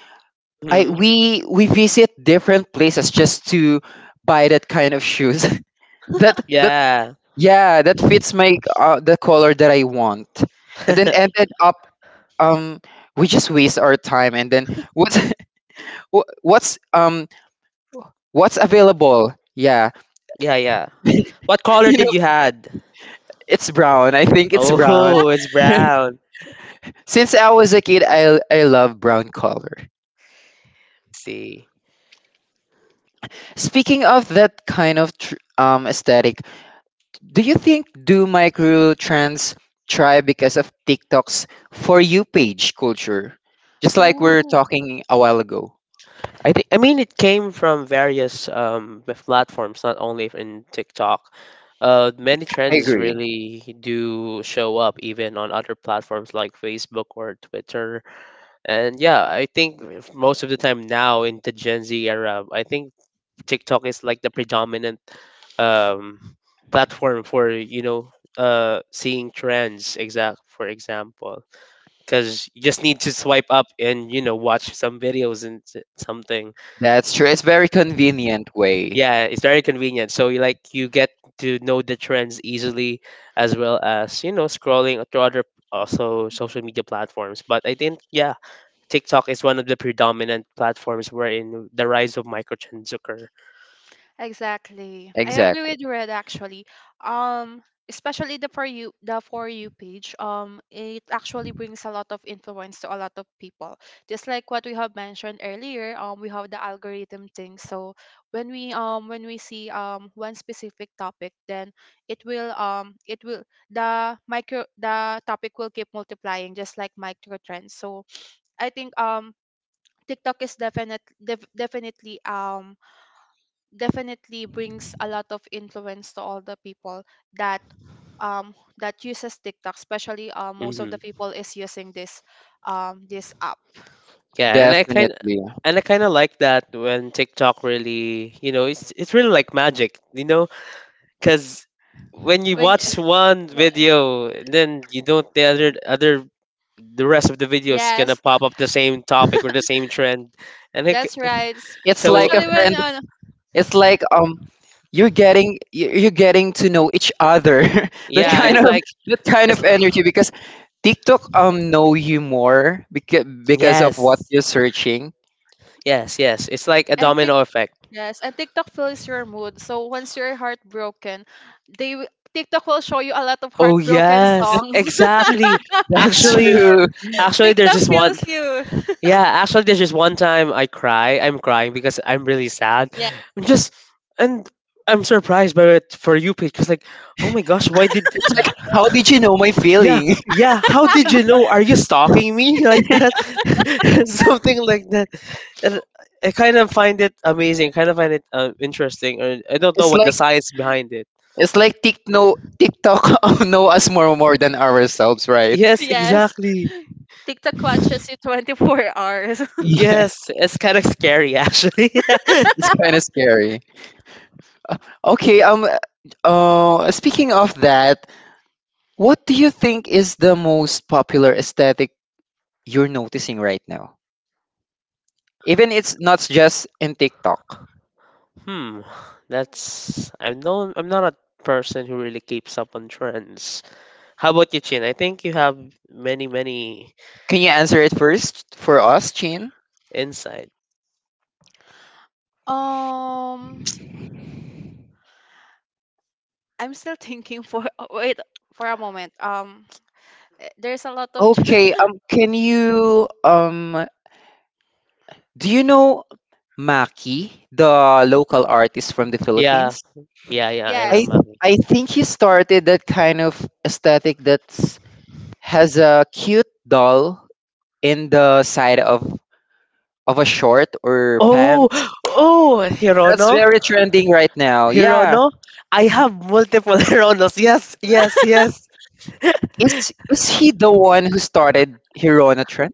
[SPEAKER 1] I
[SPEAKER 2] Mhm.
[SPEAKER 1] We visit different places just to buy that kind of shoes. that that
[SPEAKER 2] Yeah.
[SPEAKER 1] Yeah, that fits my the color that I want. And then ended up um we just waste our time and then what's wha- what's available? Yeah.
[SPEAKER 2] Yeah, yeah. What color
[SPEAKER 1] you know,
[SPEAKER 2] did you had?
[SPEAKER 1] it's brown. I think it's brown.
[SPEAKER 2] Oh, it's brown.
[SPEAKER 1] Since I was a kid, I love brown color.
[SPEAKER 2] See.
[SPEAKER 1] Speaking of that kind of aesthetic, do you think do microtrans try because of TikTok's for you page culture? Just like we are
[SPEAKER 3] Ooh.
[SPEAKER 1] talking a while ago.
[SPEAKER 2] I think I mean it came from various platforms, not only in TikTok. Many
[SPEAKER 1] I
[SPEAKER 2] trends
[SPEAKER 1] agree.
[SPEAKER 2] really do show up even on other platforms like Facebook or Twitter. And yeah, I think if most of the time now in the Gen Z era, I think TikTok is like the predominant um, platform for you know seeing trends. Exact for example, because you just need to swipe up and you know watch some videos and something.
[SPEAKER 1] That's true. It's very convenient way.
[SPEAKER 2] Yeah, it's very convenient. So you like you get to know the trends easily, as well as you know scrolling to other also social media platforms. But I think yeah, TikTok is one of the predominant platforms wherein the rise of microtrends occur.
[SPEAKER 3] Exactly. I agree
[SPEAKER 1] Exactly.
[SPEAKER 3] with Red actually. Especially the for you page, it actually brings a lot of influence to a lot of people, just like what we have mentioned earlier. We have the algorithm thing, so when we see one specific topic, then it will the micro the topic will keep multiplying, just like micro trends. So I think TikTok is definitely definitely brings a lot of influence to all the people that that uses TikTok, especially most of the people is using this this app.
[SPEAKER 2] Yeah, and I kind
[SPEAKER 1] Definitely.
[SPEAKER 2] and I kind of like that when TikTok really, you know, it's really like magic, you know, because when you
[SPEAKER 3] When you-
[SPEAKER 2] watch one
[SPEAKER 3] Well,
[SPEAKER 2] video, then you don't the other other the rest of the videos gonna
[SPEAKER 3] yes,
[SPEAKER 2] pop up the same topic or the same trend, and
[SPEAKER 3] that's right.
[SPEAKER 1] It's like
[SPEAKER 2] so
[SPEAKER 1] a
[SPEAKER 3] Especially when
[SPEAKER 1] friend. It's like you're you're getting to know each other. that
[SPEAKER 2] yeah,
[SPEAKER 1] kind
[SPEAKER 3] yes,
[SPEAKER 2] it's
[SPEAKER 1] of
[SPEAKER 2] like
[SPEAKER 1] that kind
[SPEAKER 2] it's
[SPEAKER 1] of
[SPEAKER 3] Tik-
[SPEAKER 1] energy because TikTok know you more because of what
[SPEAKER 2] yes,
[SPEAKER 1] you're searching.
[SPEAKER 2] yes, it's like a
[SPEAKER 3] and Tik
[SPEAKER 2] domino effect.
[SPEAKER 3] yes, and TikTok fills your mood. So once you're heartbroken, they wi- TikTok will show you a lot of
[SPEAKER 2] Oh
[SPEAKER 3] heartbroken
[SPEAKER 2] yes,
[SPEAKER 3] songs.
[SPEAKER 2] exactly.
[SPEAKER 1] That's
[SPEAKER 2] Actually,
[SPEAKER 1] true.
[SPEAKER 2] actually, there's
[SPEAKER 3] TikTok
[SPEAKER 2] this one.
[SPEAKER 3] fills you.
[SPEAKER 2] Yeah, actually, there's just one time I cry. I'm crying because I'm really sad.
[SPEAKER 3] Yeah.
[SPEAKER 2] I'm just and I'm surprised by it for you, Paige. Because like, oh my gosh, why did?
[SPEAKER 1] It's like, how did you know my
[SPEAKER 2] Yeah,
[SPEAKER 1] feeling?
[SPEAKER 2] yeah. How did you know? Are you stalking me like that?
[SPEAKER 1] it's
[SPEAKER 2] Something like that. And I kind of find it amazing. Kind of find it interesting. Or I don't know what the
[SPEAKER 1] like
[SPEAKER 2] science behind it.
[SPEAKER 1] it's like TikTok know us more than ourselves, right?
[SPEAKER 2] Yes,
[SPEAKER 3] Yes.
[SPEAKER 2] exactly.
[SPEAKER 3] TikTok watches you 24 hours.
[SPEAKER 1] Yeah,
[SPEAKER 2] Yes, it's kind of scary actually.
[SPEAKER 1] it's kind of scary. Okay, speaking of that, what do you think is the most popular aesthetic you're noticing right now? Even it's not just in TikTok.
[SPEAKER 2] Hmm, that's I'm not a person who really keeps up on trends. How about you, Chin? I think you have many
[SPEAKER 1] Can you answer it first for us, Chin?
[SPEAKER 2] insight.
[SPEAKER 3] Um, I'm still thinking for wait for a moment. There's a lot of
[SPEAKER 1] Okay, can you um, do you know Maki, the local artist from the
[SPEAKER 2] Yeah,
[SPEAKER 1] Philippines?
[SPEAKER 2] yeah, yeah. I love
[SPEAKER 1] I
[SPEAKER 3] yes.
[SPEAKER 2] Maki.
[SPEAKER 1] think he started that kind of aesthetic that's has a cute doll in the side of a short or
[SPEAKER 2] Oh,
[SPEAKER 1] pants.
[SPEAKER 2] oh,
[SPEAKER 1] That's
[SPEAKER 2] Hirono,
[SPEAKER 1] very trending right now. Yeah.
[SPEAKER 2] Hirono. I have multiple Hironos. Yes, yes, yes.
[SPEAKER 1] Is he the one who started Hirona trend?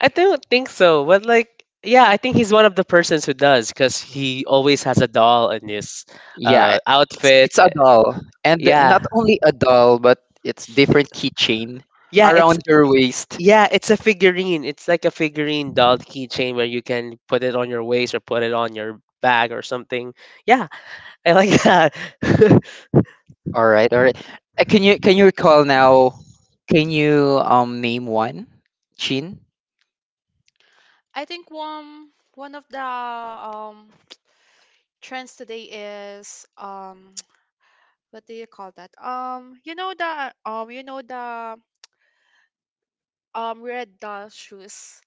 [SPEAKER 2] I don't think so, but like, yeah, I think he's one of the persons who does because he always has a doll in his
[SPEAKER 1] Yeah.
[SPEAKER 2] outfit.
[SPEAKER 1] It's a doll. And
[SPEAKER 2] Yeah,
[SPEAKER 1] not only a doll, but it's different keychain
[SPEAKER 2] yeah. It's
[SPEAKER 1] around your waist.
[SPEAKER 2] Yeah, it's a figurine. It's like a figurine doll keychain where you can put it on your waist or put it on your bag or something. Yeah, I like that.
[SPEAKER 1] All right, all right. Can you recall now? Can you name one? Chin?
[SPEAKER 3] I think one of the trends today is what do you call that? You know the you know the red doll shoes,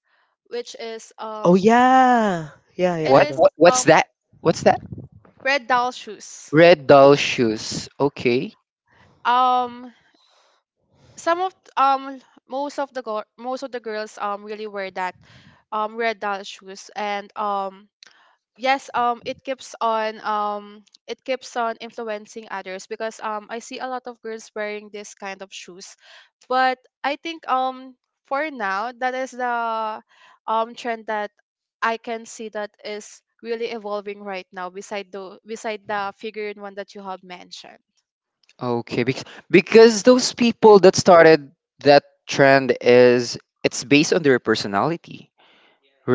[SPEAKER 3] which is
[SPEAKER 2] Oh yeah. Yeah, yeah,
[SPEAKER 3] it
[SPEAKER 2] I
[SPEAKER 3] is
[SPEAKER 2] know.
[SPEAKER 1] What's
[SPEAKER 3] um
[SPEAKER 1] that? What's that?
[SPEAKER 3] red doll shoes.
[SPEAKER 1] Red doll shoes. Okay.
[SPEAKER 3] Um, some of th- most of the girl most of the girls really wear that red doll shoes. And yes, it keeps on influencing others, because I see a lot of girls wearing this kind of shoes. But I think for now, that is the trend that I can see that is really evolving right now, beside the figurine one that you have mentioned.
[SPEAKER 1] Okay, because those people that started that trend is it's based on their personality,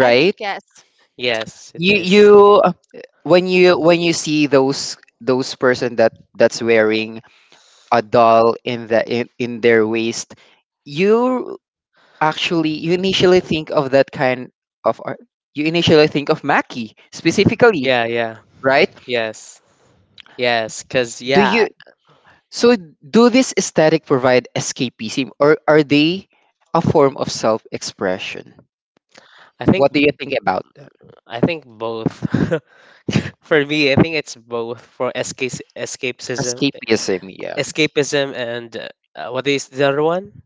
[SPEAKER 3] I think yes.
[SPEAKER 2] Yes. Yes, it
[SPEAKER 1] You
[SPEAKER 2] is.
[SPEAKER 1] uh, when you when you see those person that that's wearing a doll in in their waist, you actually, you initially think of that kind of art. You initially think of Mackie specifically,
[SPEAKER 2] Yeah, yeah.
[SPEAKER 1] right?
[SPEAKER 2] Yes. Yes, cuz
[SPEAKER 1] Do
[SPEAKER 2] yeah,
[SPEAKER 1] you so do this aesthetic provide escapism or are they a form of self-expression?
[SPEAKER 2] I think
[SPEAKER 1] What do you think about that?
[SPEAKER 2] I think both. For me, I think it's both for escape escapism,
[SPEAKER 1] Escapism, yeah.
[SPEAKER 2] escapism and what is the other one?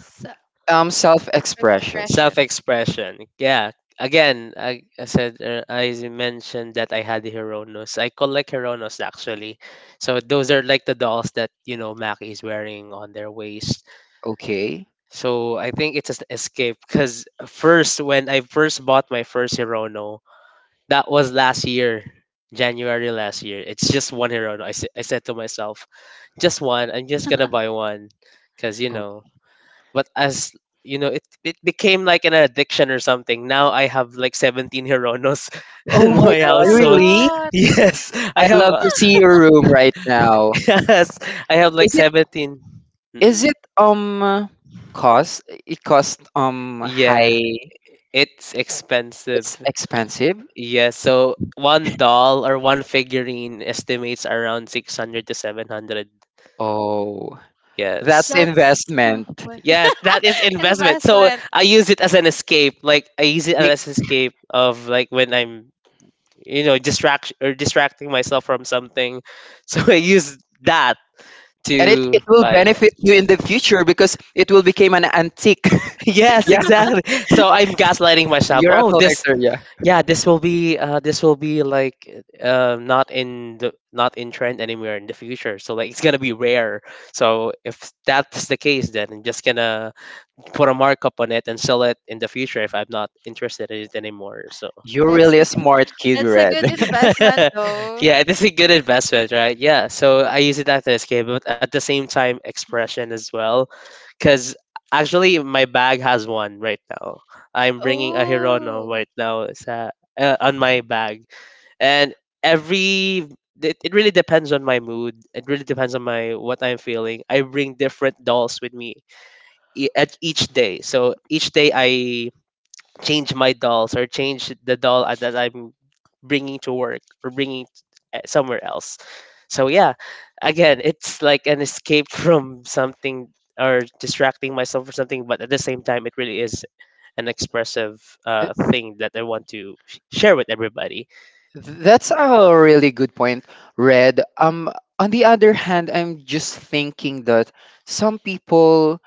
[SPEAKER 3] S-
[SPEAKER 1] Self-expression.
[SPEAKER 3] expression.
[SPEAKER 2] Self-expression. Yeah. Again, I said I mentioned that I had Hironos. I collect Hironos actually. So those are like the dolls that you know Maki is wearing on their waist.
[SPEAKER 1] Okay.
[SPEAKER 2] So I think it's an escape because first when I first bought my first Hirono, that was last year, January last year. It's just one Hirono. I said to myself, just one. I'm just gonna buy one because you know
[SPEAKER 1] Okay.
[SPEAKER 2] but as you know it, it became like an addiction or something. Now I have like 17 Hironos
[SPEAKER 1] Oh
[SPEAKER 2] in
[SPEAKER 1] my
[SPEAKER 3] Oh,
[SPEAKER 2] my
[SPEAKER 3] that's
[SPEAKER 1] God,
[SPEAKER 3] a
[SPEAKER 2] household.
[SPEAKER 1] really?
[SPEAKER 3] lot.
[SPEAKER 2] Yes, I
[SPEAKER 1] I
[SPEAKER 2] have
[SPEAKER 1] love to see your room right now.
[SPEAKER 2] yes, I have
[SPEAKER 1] Is
[SPEAKER 2] like
[SPEAKER 1] it
[SPEAKER 2] 17. Mm-mm.
[SPEAKER 1] is it cost? It cost
[SPEAKER 2] Yeah,
[SPEAKER 1] high.
[SPEAKER 2] it's expensive.
[SPEAKER 1] It's expensive?
[SPEAKER 2] Yeah, so one doll or one figurine estimates around 600 to 700.
[SPEAKER 1] Oh,
[SPEAKER 2] Yes,
[SPEAKER 1] that's
[SPEAKER 3] That's well,
[SPEAKER 1] investment.
[SPEAKER 2] yes, that is investment. So
[SPEAKER 3] investment.
[SPEAKER 2] I use it as an escape, like I use it
[SPEAKER 1] Be-
[SPEAKER 2] as an escape of like when I'm you know distracting myself from something. So I use that
[SPEAKER 1] and it,
[SPEAKER 2] to
[SPEAKER 1] it will
[SPEAKER 2] like
[SPEAKER 1] benefit you in the future because it will become an antique.
[SPEAKER 2] yes,
[SPEAKER 1] Yeah,
[SPEAKER 2] exactly. So I'm gaslighting myself.
[SPEAKER 1] you're a
[SPEAKER 2] Oh, this
[SPEAKER 1] collector. Yeah,
[SPEAKER 2] yeah, this will be like not in the not in trend anywhere in the future, so like it's gonna be rare. So if that's the case, then I'm just gonna put a markup on it and sell it in the future if I'm not interested in it anymore. So
[SPEAKER 1] you're
[SPEAKER 3] That's
[SPEAKER 1] really
[SPEAKER 3] a
[SPEAKER 1] a
[SPEAKER 3] good,
[SPEAKER 1] smart kid,
[SPEAKER 3] that's a
[SPEAKER 1] Red.
[SPEAKER 3] good investment though.
[SPEAKER 2] yeah, this is a good investment, right? Yeah, so I use it as an escape, but at the same time, expression as well. Because actually, my bag has one right now. I'm bringing a Hirono
[SPEAKER 3] Oh,
[SPEAKER 2] right now sa, on my bag. And every, it, it really depends on my mood. It really depends on my what I'm feeling. I bring different dolls with me at each day. So each day I change my dolls or change that I'm bringing to work or eh, somewhere else. So yeah, again, it's like an escape from something or distracting myself for something, but at the same time, it really is an expressive
[SPEAKER 1] Th-
[SPEAKER 2] thing that I want to share with everybody.
[SPEAKER 1] That's a really good point, Red. On the other hand, I'm just thinking that some people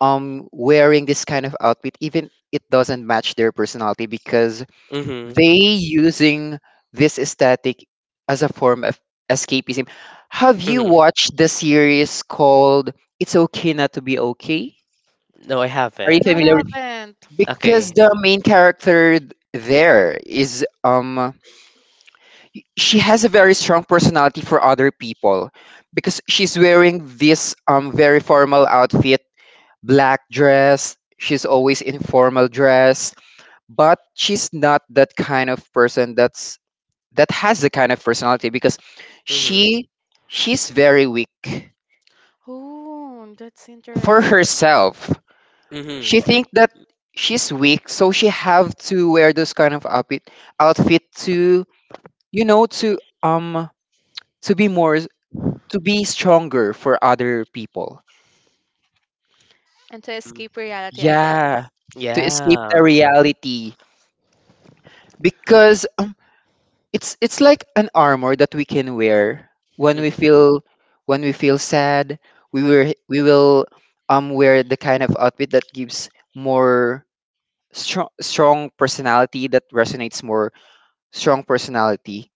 [SPEAKER 1] wearing this kind of outfit even it doesn't match their personality because
[SPEAKER 2] Mm-hmm.
[SPEAKER 1] they using this aesthetic as a form of escapism. Have you
[SPEAKER 2] Mm-hmm.
[SPEAKER 1] watched the series called It's Okay Not to Be Okay?
[SPEAKER 2] No, I
[SPEAKER 1] Are you
[SPEAKER 2] haven't.
[SPEAKER 3] no, I
[SPEAKER 1] familiar with
[SPEAKER 3] haven't.
[SPEAKER 1] because
[SPEAKER 2] Okay.
[SPEAKER 1] the main character there is she has a very strong personality for other people because she's wearing this very formal outfit, black dress, she's always in formal dress, but she's not that kind of person that's that has the kind of personality because
[SPEAKER 2] Mm-hmm.
[SPEAKER 1] she she's very weak
[SPEAKER 3] Oh, that's
[SPEAKER 1] for
[SPEAKER 3] interesting.
[SPEAKER 1] herself.
[SPEAKER 2] Mm-hmm.
[SPEAKER 1] She think that she's weak, so she have to wear those kind of outfit to you know to um to be more to be stronger for other people.
[SPEAKER 3] And to
[SPEAKER 2] Mm.
[SPEAKER 3] escape reality, I guess.
[SPEAKER 1] Yeah, to escape the
[SPEAKER 2] Yeah.
[SPEAKER 1] reality because it's like an armor that we can wear when we
[SPEAKER 2] Mm-hmm.
[SPEAKER 1] feel when we feel sad, we will wear the kind of outfit that gives more strong personality that resonates more strong personality.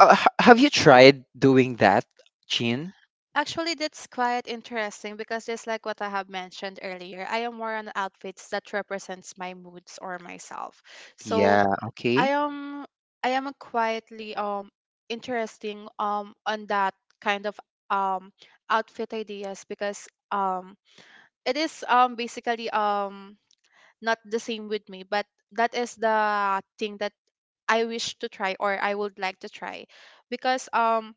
[SPEAKER 1] Have you tried doing that, chin?
[SPEAKER 3] Actually, that's quite interesting, because just like what I have mentioned earlier, I am more on outfits that represents my moods or myself. So
[SPEAKER 1] Yeah, okay.
[SPEAKER 3] I am I am a quietly interesting on that kind of um outfit ideas, because it is basically not the same with me, but that is the thing that I wish to try or I would like to try. Because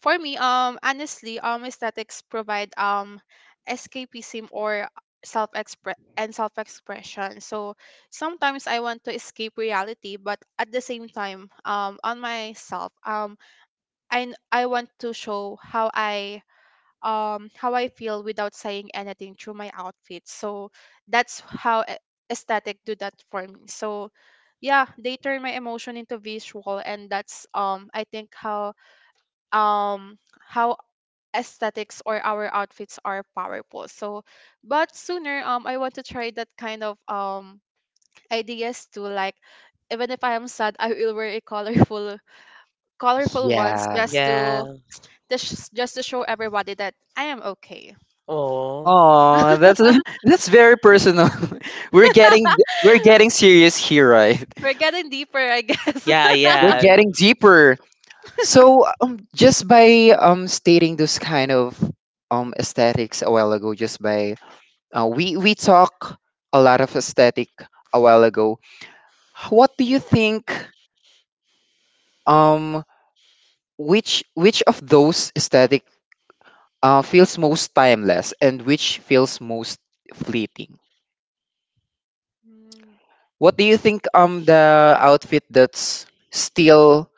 [SPEAKER 3] for me, honestly, aesthetics provide escapism or self express and self expression. So sometimes I want to escape reality, but at the same time on myself, and I want to show how I how I feel without saying anything through my outfit. So that's how aesthetic do that for me. So yeah, they turn my emotion into visual, and that's I think how um how aesthetics or our outfits are powerful. So, but sooner, I want to try that kind of ideas too. Like, even if I am sad, I will wear a colorful, colorful ones
[SPEAKER 1] Yeah.
[SPEAKER 3] just to
[SPEAKER 2] Yeah.
[SPEAKER 3] just just to show everybody that I am okay.
[SPEAKER 2] Oh.
[SPEAKER 1] Oh, that's that's very personal. We're getting, we're getting serious here, right?
[SPEAKER 3] We're getting deeper, I guess.
[SPEAKER 2] Yeah.
[SPEAKER 1] We're
[SPEAKER 2] Yeah.
[SPEAKER 1] getting deeper. So just by stating those kind of aesthetics a while ago, just by we talk a lot of aesthetic a while ago. What do you think? Um, which of those aesthetic feels most timeless, and which feels most fleeting?
[SPEAKER 3] Mm.
[SPEAKER 1] What do you think? The outfit that's still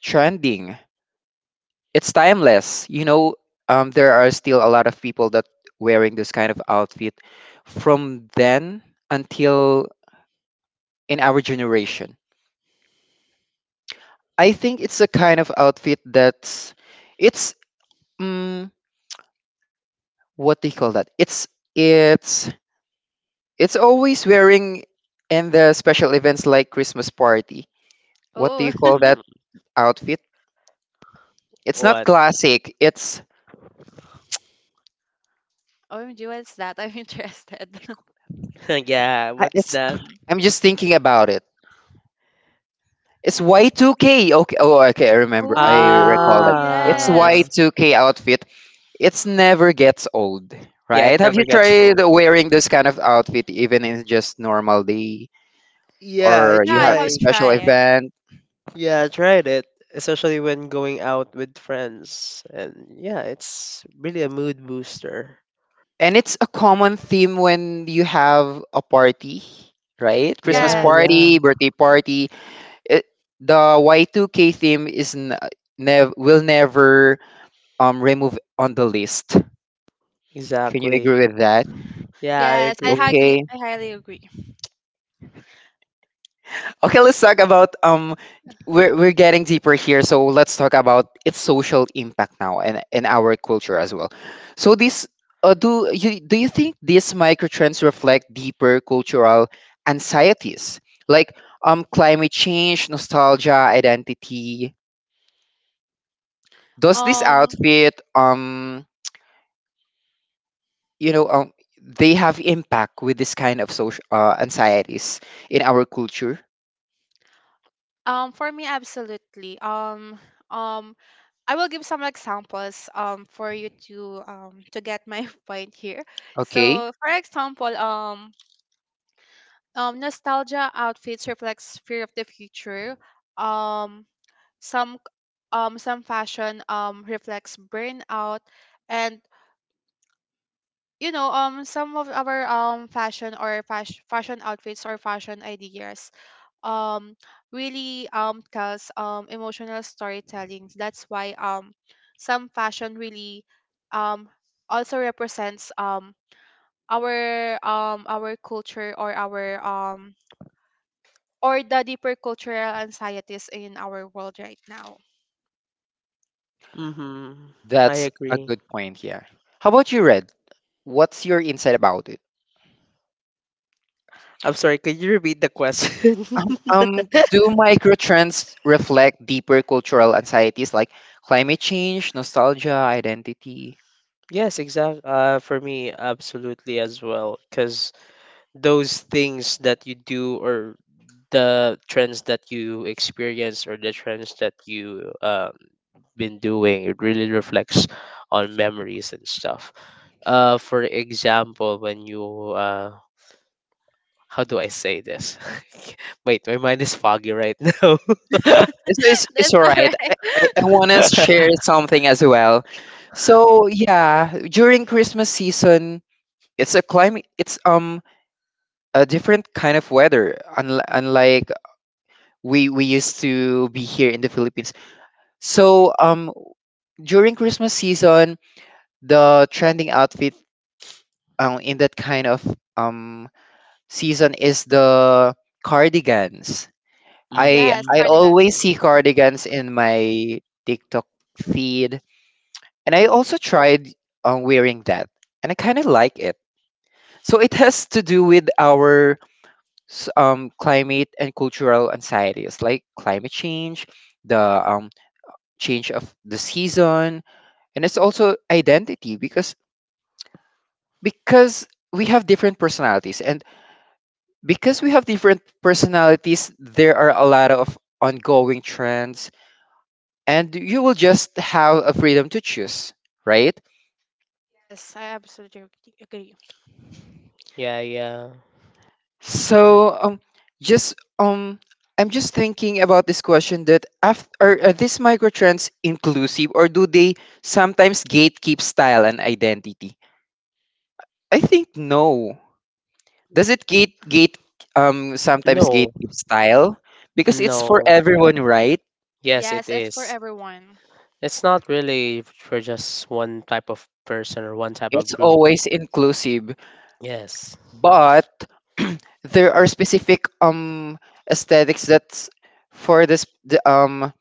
[SPEAKER 1] trending it's timeless. You know, there are still a lot of people that wearing this kind of outfit from then until in our generation. I think it's a kind of outfit that's it's um, what do you call that? It's it's always wearing in the special events like Christmas party. What do
[SPEAKER 3] Oh,
[SPEAKER 1] you call that
[SPEAKER 2] Mm-hmm.
[SPEAKER 1] outfit? It's not
[SPEAKER 2] What?
[SPEAKER 1] classic. It's
[SPEAKER 3] OMG, what's that? I'm interested.
[SPEAKER 2] Yeah, what's
[SPEAKER 1] it's.
[SPEAKER 2] that?
[SPEAKER 1] I'm just thinking about it. It's Y2K. Okay. Oh, okay. I remember. I recall
[SPEAKER 3] Oh,
[SPEAKER 1] that. It's
[SPEAKER 2] Ah,
[SPEAKER 3] yes.
[SPEAKER 1] Y2K outfit. It's never gets old,
[SPEAKER 2] yeah, it
[SPEAKER 1] right? Have you
[SPEAKER 2] never gets
[SPEAKER 1] tried
[SPEAKER 2] old.
[SPEAKER 1] wearing this kind of outfit even in just normal day
[SPEAKER 2] Yeah, I
[SPEAKER 1] or
[SPEAKER 3] Yeah,
[SPEAKER 1] you
[SPEAKER 3] I
[SPEAKER 1] have a
[SPEAKER 3] have
[SPEAKER 2] tried.
[SPEAKER 1] special
[SPEAKER 3] tried.
[SPEAKER 1] event?
[SPEAKER 2] Yeah, I tried it, especially when going out with friends. And yeah, it's really a mood booster.
[SPEAKER 1] And it's a common theme when you have a party, right? Christmas
[SPEAKER 2] Yeah,
[SPEAKER 3] Yes,
[SPEAKER 2] yeah,
[SPEAKER 1] party, birthday party. It, the Y2K theme is will never remove on the list. Can you
[SPEAKER 2] exactly.
[SPEAKER 1] agree with that?
[SPEAKER 2] Yeah, I
[SPEAKER 3] yes,
[SPEAKER 2] agree.
[SPEAKER 1] Okay.
[SPEAKER 3] I highly agree.
[SPEAKER 1] Okay, let's talk about we're getting deeper here, so let's talk about its social impact now and in our culture as well. So this do you think these microtrends reflect deeper cultural anxieties like climate change, nostalgia, identity? Does this
[SPEAKER 3] Um,
[SPEAKER 1] outfit you know um they have impact with this kind of social anxieties in our culture?
[SPEAKER 3] for me, absolutely. Um, I will give some examples for you to get my point here.
[SPEAKER 1] Okay.
[SPEAKER 3] So, for example, nostalgia outfits reflects fear of the future. Um, some some fashion reflects burnout, and some of our fashion or fashion outfits or fashion ideas um really tells emotional storytelling. That's why some fashion really um also represents our culture or our or the deeper cultural anxieties in our world right now.
[SPEAKER 2] Mm-hmm. I
[SPEAKER 1] That's a
[SPEAKER 2] agree.
[SPEAKER 1] good point. Yeah. How about you, Red? What's your insight about it?
[SPEAKER 2] I'm sorry, could you repeat the question?
[SPEAKER 1] Do microtrends reflect deeper cultural anxieties like climate change, nostalgia, identity?
[SPEAKER 2] Yes, exactly. For me, absolutely as well. Because those things that you do or the trends that you experience or the trends that you been doing, it really reflects on memories and stuff. For example, when you how do I say this? Wait, my mind is foggy right now.
[SPEAKER 1] It's
[SPEAKER 3] That's
[SPEAKER 1] all
[SPEAKER 3] all
[SPEAKER 1] right.
[SPEAKER 3] right.
[SPEAKER 1] I want to share something as well. So yeah, during Christmas season, it's a climate. It's a different kind of weather, unlike we used to be here in the Philippines. So during Christmas season, the trending outfit, in that kind of, um, season is the cardigans.
[SPEAKER 3] Yes,
[SPEAKER 1] I
[SPEAKER 2] Hmm.
[SPEAKER 3] cardigans.
[SPEAKER 1] always see cardigans in my TikTok feed, and I also tried, wearing that, and I kind of like it. So it has to do with our climate and cultural anxieties, like climate change, the change of the season, and it's also identity because we have different personalities and because we have different personalities, there are a lot of ongoing trends, and you will just have a freedom to choose, right?
[SPEAKER 3] Yes, I absolutely agree.
[SPEAKER 2] Yeah, yeah.
[SPEAKER 1] So, just I'm just thinking about this question that after are these micro trends inclusive or do they sometimes gatekeep style and identity? I think no. Does it gate sometimes
[SPEAKER 2] No.
[SPEAKER 1] gatekeep style because it's for
[SPEAKER 2] No,
[SPEAKER 1] everyone, right?
[SPEAKER 2] yes, it
[SPEAKER 3] Yes, it's for
[SPEAKER 2] is.
[SPEAKER 3] everyone.
[SPEAKER 2] It's not really for just one type of person or one type of
[SPEAKER 1] It's
[SPEAKER 2] group.
[SPEAKER 1] always inclusive.
[SPEAKER 2] Yes.
[SPEAKER 1] But there are specific aesthetics that's for this the,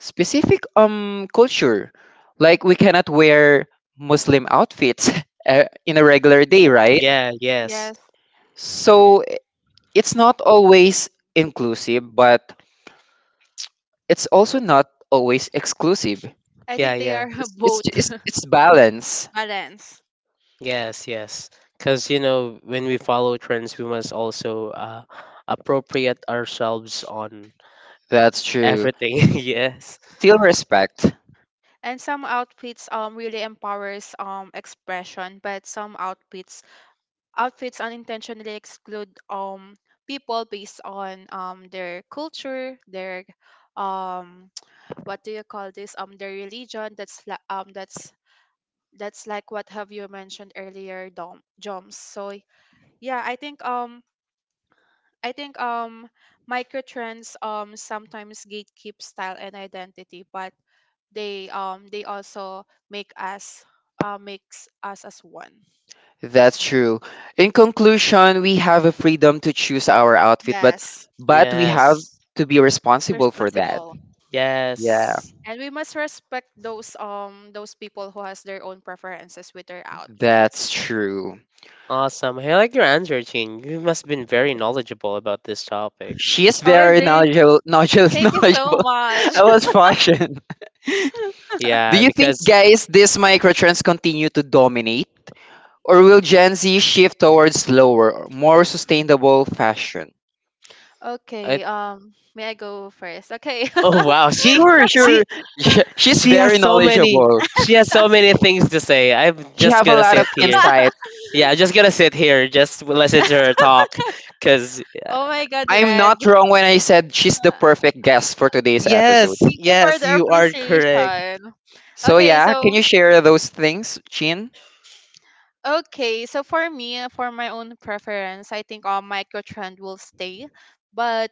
[SPEAKER 1] specific culture, like we cannot wear Muslim outfits in a regular day,
[SPEAKER 2] Mm.
[SPEAKER 1] right?
[SPEAKER 2] Yeah, yes.
[SPEAKER 3] Yes,
[SPEAKER 1] So it's not always inclusive, but it's also not always exclusive.
[SPEAKER 3] I
[SPEAKER 2] Yeah,
[SPEAKER 3] think they
[SPEAKER 2] yeah.
[SPEAKER 3] are
[SPEAKER 1] it's it's
[SPEAKER 3] both
[SPEAKER 1] it's, it's balance.
[SPEAKER 3] balance.
[SPEAKER 2] Yes, yes. Because, you know, when we follow trends, we must also appropriate ourselves on
[SPEAKER 1] That's true.
[SPEAKER 2] everything. Yes.
[SPEAKER 1] Still respect.
[SPEAKER 3] And some outfits really empowers expression, but some outfits unintentionally exclude people based on their culture, their um what do you call this, their religion. That's li- That's like what have you mentioned earlier, Dom Joms. So yeah, I think microtrends sometimes gatekeep style and identity, but they also make us makes us as one.
[SPEAKER 1] That's true. In conclusion, we have a freedom to choose our outfit, but
[SPEAKER 3] Yes,
[SPEAKER 1] but we have
[SPEAKER 2] Yes.
[SPEAKER 1] to be responsible for that.
[SPEAKER 3] responsible.
[SPEAKER 1] Yeah,
[SPEAKER 2] Yes.
[SPEAKER 3] And we must respect those people who has their own preferences with their outfits.
[SPEAKER 1] that's true.
[SPEAKER 2] Awesome. I like your answer, Chin. You must have been very knowledgeable about this topic.
[SPEAKER 1] She is very
[SPEAKER 3] Already.
[SPEAKER 1] knowledgeable, knowledgeable,
[SPEAKER 3] Thank you so
[SPEAKER 1] knowledgeable
[SPEAKER 3] much.
[SPEAKER 1] about fashion. Do
[SPEAKER 2] Yeah,
[SPEAKER 1] you think,
[SPEAKER 2] because
[SPEAKER 1] guys, these microtrends continue to dominate, or will Gen Z shift towards slower, more sustainable fashion?
[SPEAKER 2] I.
[SPEAKER 3] Okay, may I go first? Okay.
[SPEAKER 2] Oh wow, she
[SPEAKER 1] Sure, sure.
[SPEAKER 2] she
[SPEAKER 1] She's
[SPEAKER 2] she has
[SPEAKER 1] very
[SPEAKER 2] so many.
[SPEAKER 1] knowledgeable.
[SPEAKER 2] She has so many things to say. I'm
[SPEAKER 1] She
[SPEAKER 2] just
[SPEAKER 1] have a
[SPEAKER 2] gonna
[SPEAKER 1] lot of
[SPEAKER 2] sit here.
[SPEAKER 1] insight.
[SPEAKER 2] Yeah, I'm just gonna sit here. Just listen to her talk. Cause
[SPEAKER 3] Oh my god,
[SPEAKER 1] I'm
[SPEAKER 3] Red.
[SPEAKER 1] not wrong when I said she's the
[SPEAKER 3] Uh,
[SPEAKER 1] perfect guest for today's
[SPEAKER 2] yes,
[SPEAKER 1] episode.
[SPEAKER 3] Thank you for
[SPEAKER 2] yes,
[SPEAKER 3] the
[SPEAKER 2] you are correct.
[SPEAKER 3] appreciation.
[SPEAKER 1] So
[SPEAKER 3] Okay,
[SPEAKER 1] yeah, can
[SPEAKER 3] so
[SPEAKER 1] you share those things, Chin?
[SPEAKER 3] Okay, so for me, for my own preference, I think all microtrend will stay, but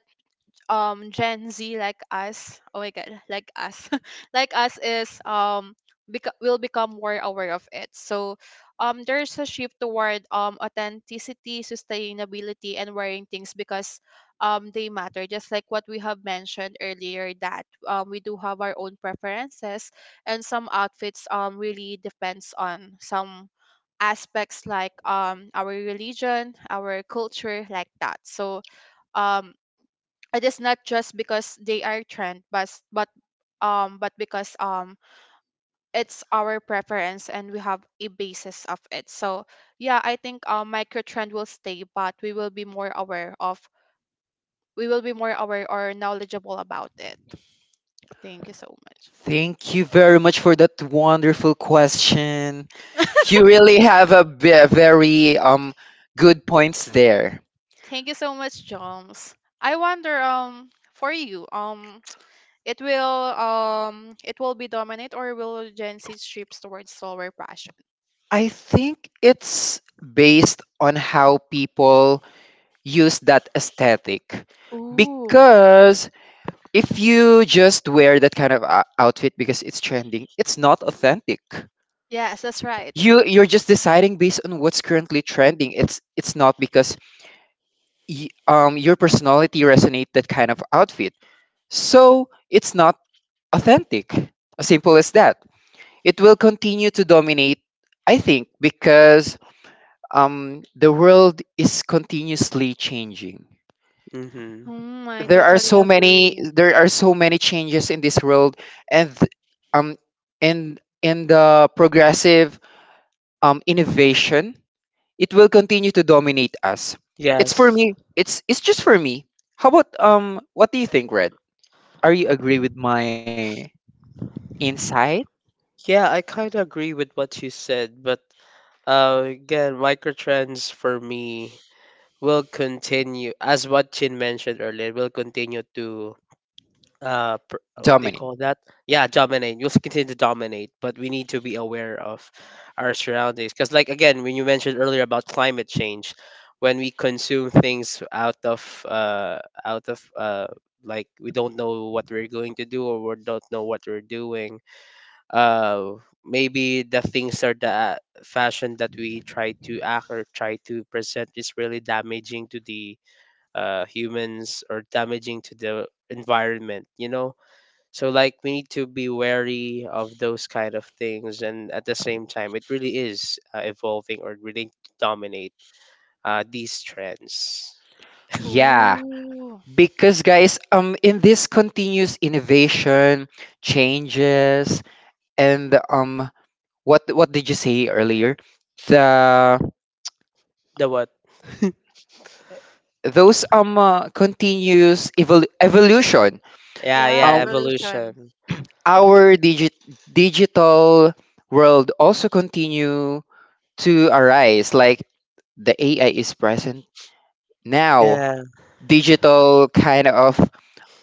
[SPEAKER 3] Gen Z like us, oh my god, like us, like us is um, will become more aware of it. So there's a shift toward authenticity, sustainability, and wearing things because they matter. Just like what we have mentioned earlier, that we do have our own preferences, and some outfits really depends on some aspects like our religion, our culture, like that. So um it is not just because they are trend, but because it's our preference and we have a basis of it. So yeah, I think micro trend will stay, but we will be more aware or knowledgeable about it. Thank you so much.
[SPEAKER 1] Thank you very much for that wonderful question. You really have a very good points there.
[SPEAKER 3] Thank you so much, Joms. I wonder for you, it will be dominant, or will Gen Z shift towards slower passion?
[SPEAKER 1] I think it's based on how people use that aesthetic.
[SPEAKER 3] Ooh,
[SPEAKER 1] Because if you just wear that kind of outfit because it's trending, it's not authentic.
[SPEAKER 3] yes, that's right.
[SPEAKER 1] You're just deciding based on what's currently trending. It's not because your personality resonate that kind of outfit, so it's not authentic, as simple as that. It will continue to dominate, I think, because the world is continuously changing.
[SPEAKER 2] Mm-hmm.
[SPEAKER 3] Hmm. I
[SPEAKER 1] there are
[SPEAKER 3] totally
[SPEAKER 1] so many
[SPEAKER 3] agree.
[SPEAKER 1] there are so many changes in this world, and um in the progressive innovation, it will continue to dominate us. It's for
[SPEAKER 2] Yes.
[SPEAKER 1] me. It's just for me. How about What do you think, Red? Are you agree with my insight,
[SPEAKER 2] Yeah, I kind of agree with what you said, but again, microtrends for me will continue, as what Chin mentioned earlier, will continue to what they
[SPEAKER 1] Dominic?
[SPEAKER 2] call that yeah dominate. You'll continue to dominate, but we need to be aware of our surroundings because like again when you mentioned earlier about climate change, when we consume things out of like we don't know what we're going to do or we don't know what we're doing, uh maybe the things or the fashion that we try to act or try to present is really damaging to the humans or damaging to the environment, you know. So like we need to be wary of those kind of things, and at the same time, it really is evolving or really dominate these trends.
[SPEAKER 1] Yeah,
[SPEAKER 3] Ooh,
[SPEAKER 1] because guys, in this continuous innovation, changes, and what did you say earlier? The
[SPEAKER 2] The what?
[SPEAKER 1] those continuous evolution.
[SPEAKER 2] Yeah,
[SPEAKER 3] yeah,
[SPEAKER 1] uh,
[SPEAKER 2] yeah,
[SPEAKER 3] evolution.
[SPEAKER 2] evolution.
[SPEAKER 1] our digital world also continue to arise, like the AI is present now.
[SPEAKER 2] Yeah.
[SPEAKER 1] Digital kind of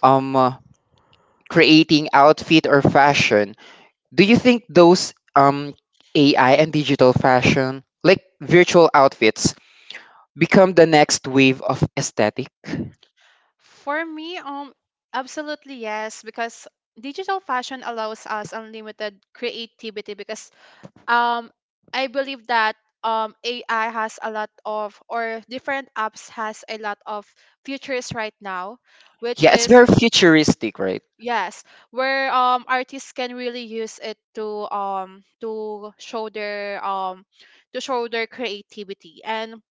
[SPEAKER 1] um uh, creating outfit or fashion. Do you think those AI and digital fashion, like virtual outfits, become the next wave of aesthetic?
[SPEAKER 3] For me, absolutely yes, because digital fashion allows us unlimited creativity. Because um I believe that AI has a lot of or different apps has a lot of features right now, which
[SPEAKER 1] Yeah, it's
[SPEAKER 3] is
[SPEAKER 1] very futuristic, right?
[SPEAKER 3] yes, where artists can really use it to show their to show their creativity, and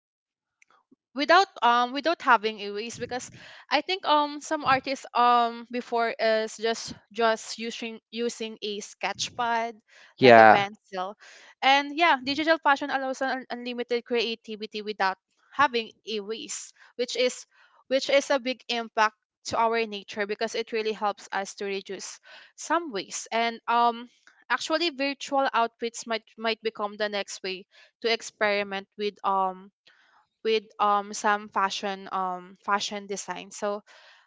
[SPEAKER 3] without without having a waste. Because I think some artists before is just using a sketch pad like a
[SPEAKER 1] Yeah,
[SPEAKER 3] pencil. And yeah, digital passion allows an unlimited creativity without having a waste, which is a big impact to our nature, because it really helps us to reduce some waste. And actually virtual outfits might become the next way to experiment with some fashion fashion design. So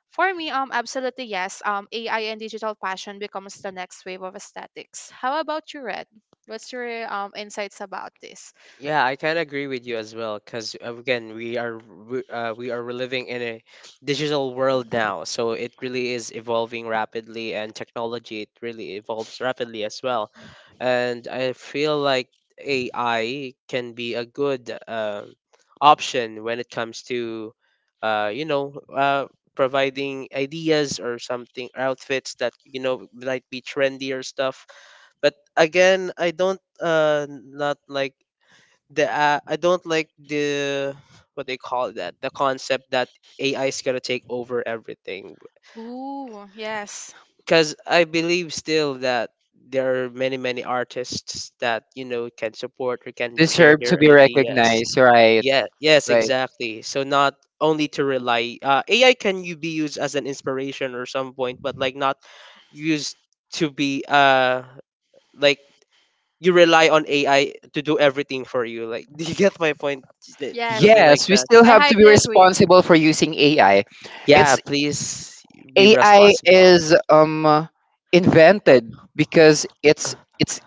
[SPEAKER 3] for me, absolutely yes. AI and digital fashion becomes the next wave of aesthetics. How about you, Red? What's your insights about this?
[SPEAKER 2] Yeah, I kind of agree with you as well, because again, we are living in a digital world
[SPEAKER 3] Mhm.
[SPEAKER 2] now, so it really is evolving rapidly, and technology it really evolves rapidly as well, and I feel like AI can be a good option when it comes to, you know, providing ideas or something outfits that you know might be trendy or stuff. But again, I don't not like the I don't like the what they call that the concept that AI is going to take over everything,
[SPEAKER 3] Ooh, yes.
[SPEAKER 2] because I believe still that there are many artists that you know can support or can share
[SPEAKER 1] deserve to
[SPEAKER 2] their
[SPEAKER 1] be
[SPEAKER 2] ideas.
[SPEAKER 1] recognized, right?
[SPEAKER 2] Yeah, yes,
[SPEAKER 1] Right.
[SPEAKER 2] exactly. So not only to rely AI can you be used as an inspiration or some point, but like not used to be like you rely on AI to do everything for you. Like, do you get my point? Is it?
[SPEAKER 3] Yes.
[SPEAKER 2] Something like
[SPEAKER 1] Yes, we
[SPEAKER 2] that.
[SPEAKER 1] still
[SPEAKER 3] I
[SPEAKER 1] have to be
[SPEAKER 3] highly agree.
[SPEAKER 1] responsible for using AI.
[SPEAKER 2] Yeah,
[SPEAKER 1] It's
[SPEAKER 2] please be
[SPEAKER 1] AI
[SPEAKER 2] responsible.
[SPEAKER 1] is invented because it's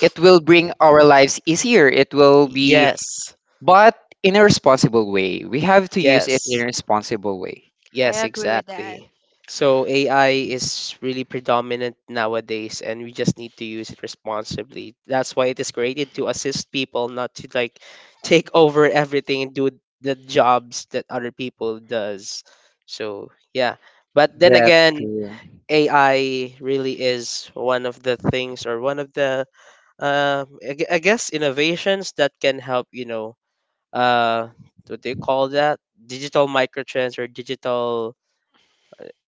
[SPEAKER 1] it will bring our lives easier. It will be,
[SPEAKER 2] Yes,
[SPEAKER 1] but in a responsible way. We have to use it in a
[SPEAKER 2] yes,
[SPEAKER 1] responsible way.
[SPEAKER 3] I
[SPEAKER 2] yes,
[SPEAKER 3] agree with that.
[SPEAKER 2] exactly. So AI is really predominant nowadays, and we just need to use it responsibly. That's why it is created to assist people, not to like take over everything and do the jobs that other people does. So yeah, but then
[SPEAKER 1] That's
[SPEAKER 2] again,
[SPEAKER 1] true.
[SPEAKER 2] AI really is one of the things or one of the I guess innovations that can help you know uh what do you call that digital microtrends or digital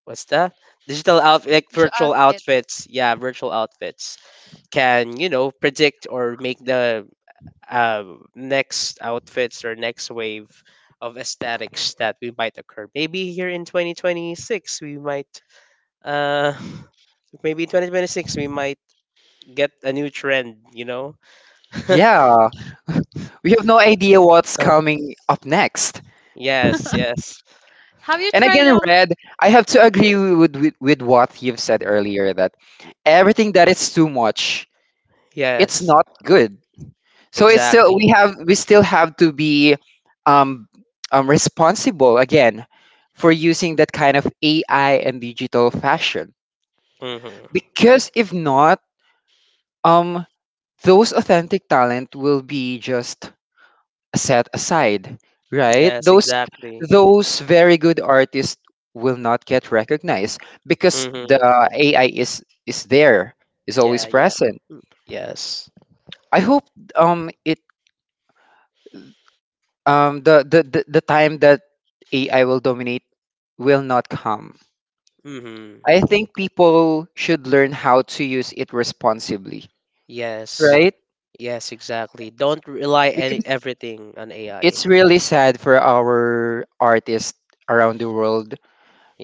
[SPEAKER 2] what's that digital outfit like
[SPEAKER 3] Digital
[SPEAKER 2] virtual
[SPEAKER 3] outfits.
[SPEAKER 2] outfits, yeah, virtual outfits can you know predict or make the uh, next outfits or next wave of aesthetics that we might occur maybe here in 2026. We might uh maybe in 2026 we might get a new trend, you know?
[SPEAKER 1] Yeah, we have no idea what's
[SPEAKER 2] Uh,
[SPEAKER 1] coming up next.
[SPEAKER 2] yes, yes,
[SPEAKER 3] Have you
[SPEAKER 1] And
[SPEAKER 3] tried
[SPEAKER 1] again, Red, I have to agree with, what you've said earlier, that everything that is too much, it's
[SPEAKER 2] yes,
[SPEAKER 1] not good. So it's still,
[SPEAKER 2] exactly.
[SPEAKER 1] we still have to be um, responsible again for using that kind of AI and digital fashion,
[SPEAKER 2] Mm-hmm.
[SPEAKER 1] because if not, um those authentic talent will be just set aside, right?
[SPEAKER 2] Yes,
[SPEAKER 1] those
[SPEAKER 2] exactly.
[SPEAKER 1] those very good artists will not get recognized because the
[SPEAKER 2] Mm-hmm.
[SPEAKER 1] AI is there, is
[SPEAKER 2] Yeah,
[SPEAKER 1] always
[SPEAKER 2] yeah.
[SPEAKER 1] present.
[SPEAKER 2] Mm. Yes.
[SPEAKER 1] I hope it the, the time that AI will dominate will not come.
[SPEAKER 2] Mm-hmm.
[SPEAKER 1] I think people should learn how to use it responsibly,
[SPEAKER 2] Yes.
[SPEAKER 1] right?
[SPEAKER 2] Yes, exactly. Don't rely any
[SPEAKER 1] Because
[SPEAKER 2] everything on AI.
[SPEAKER 1] it's really sad for our artists around the world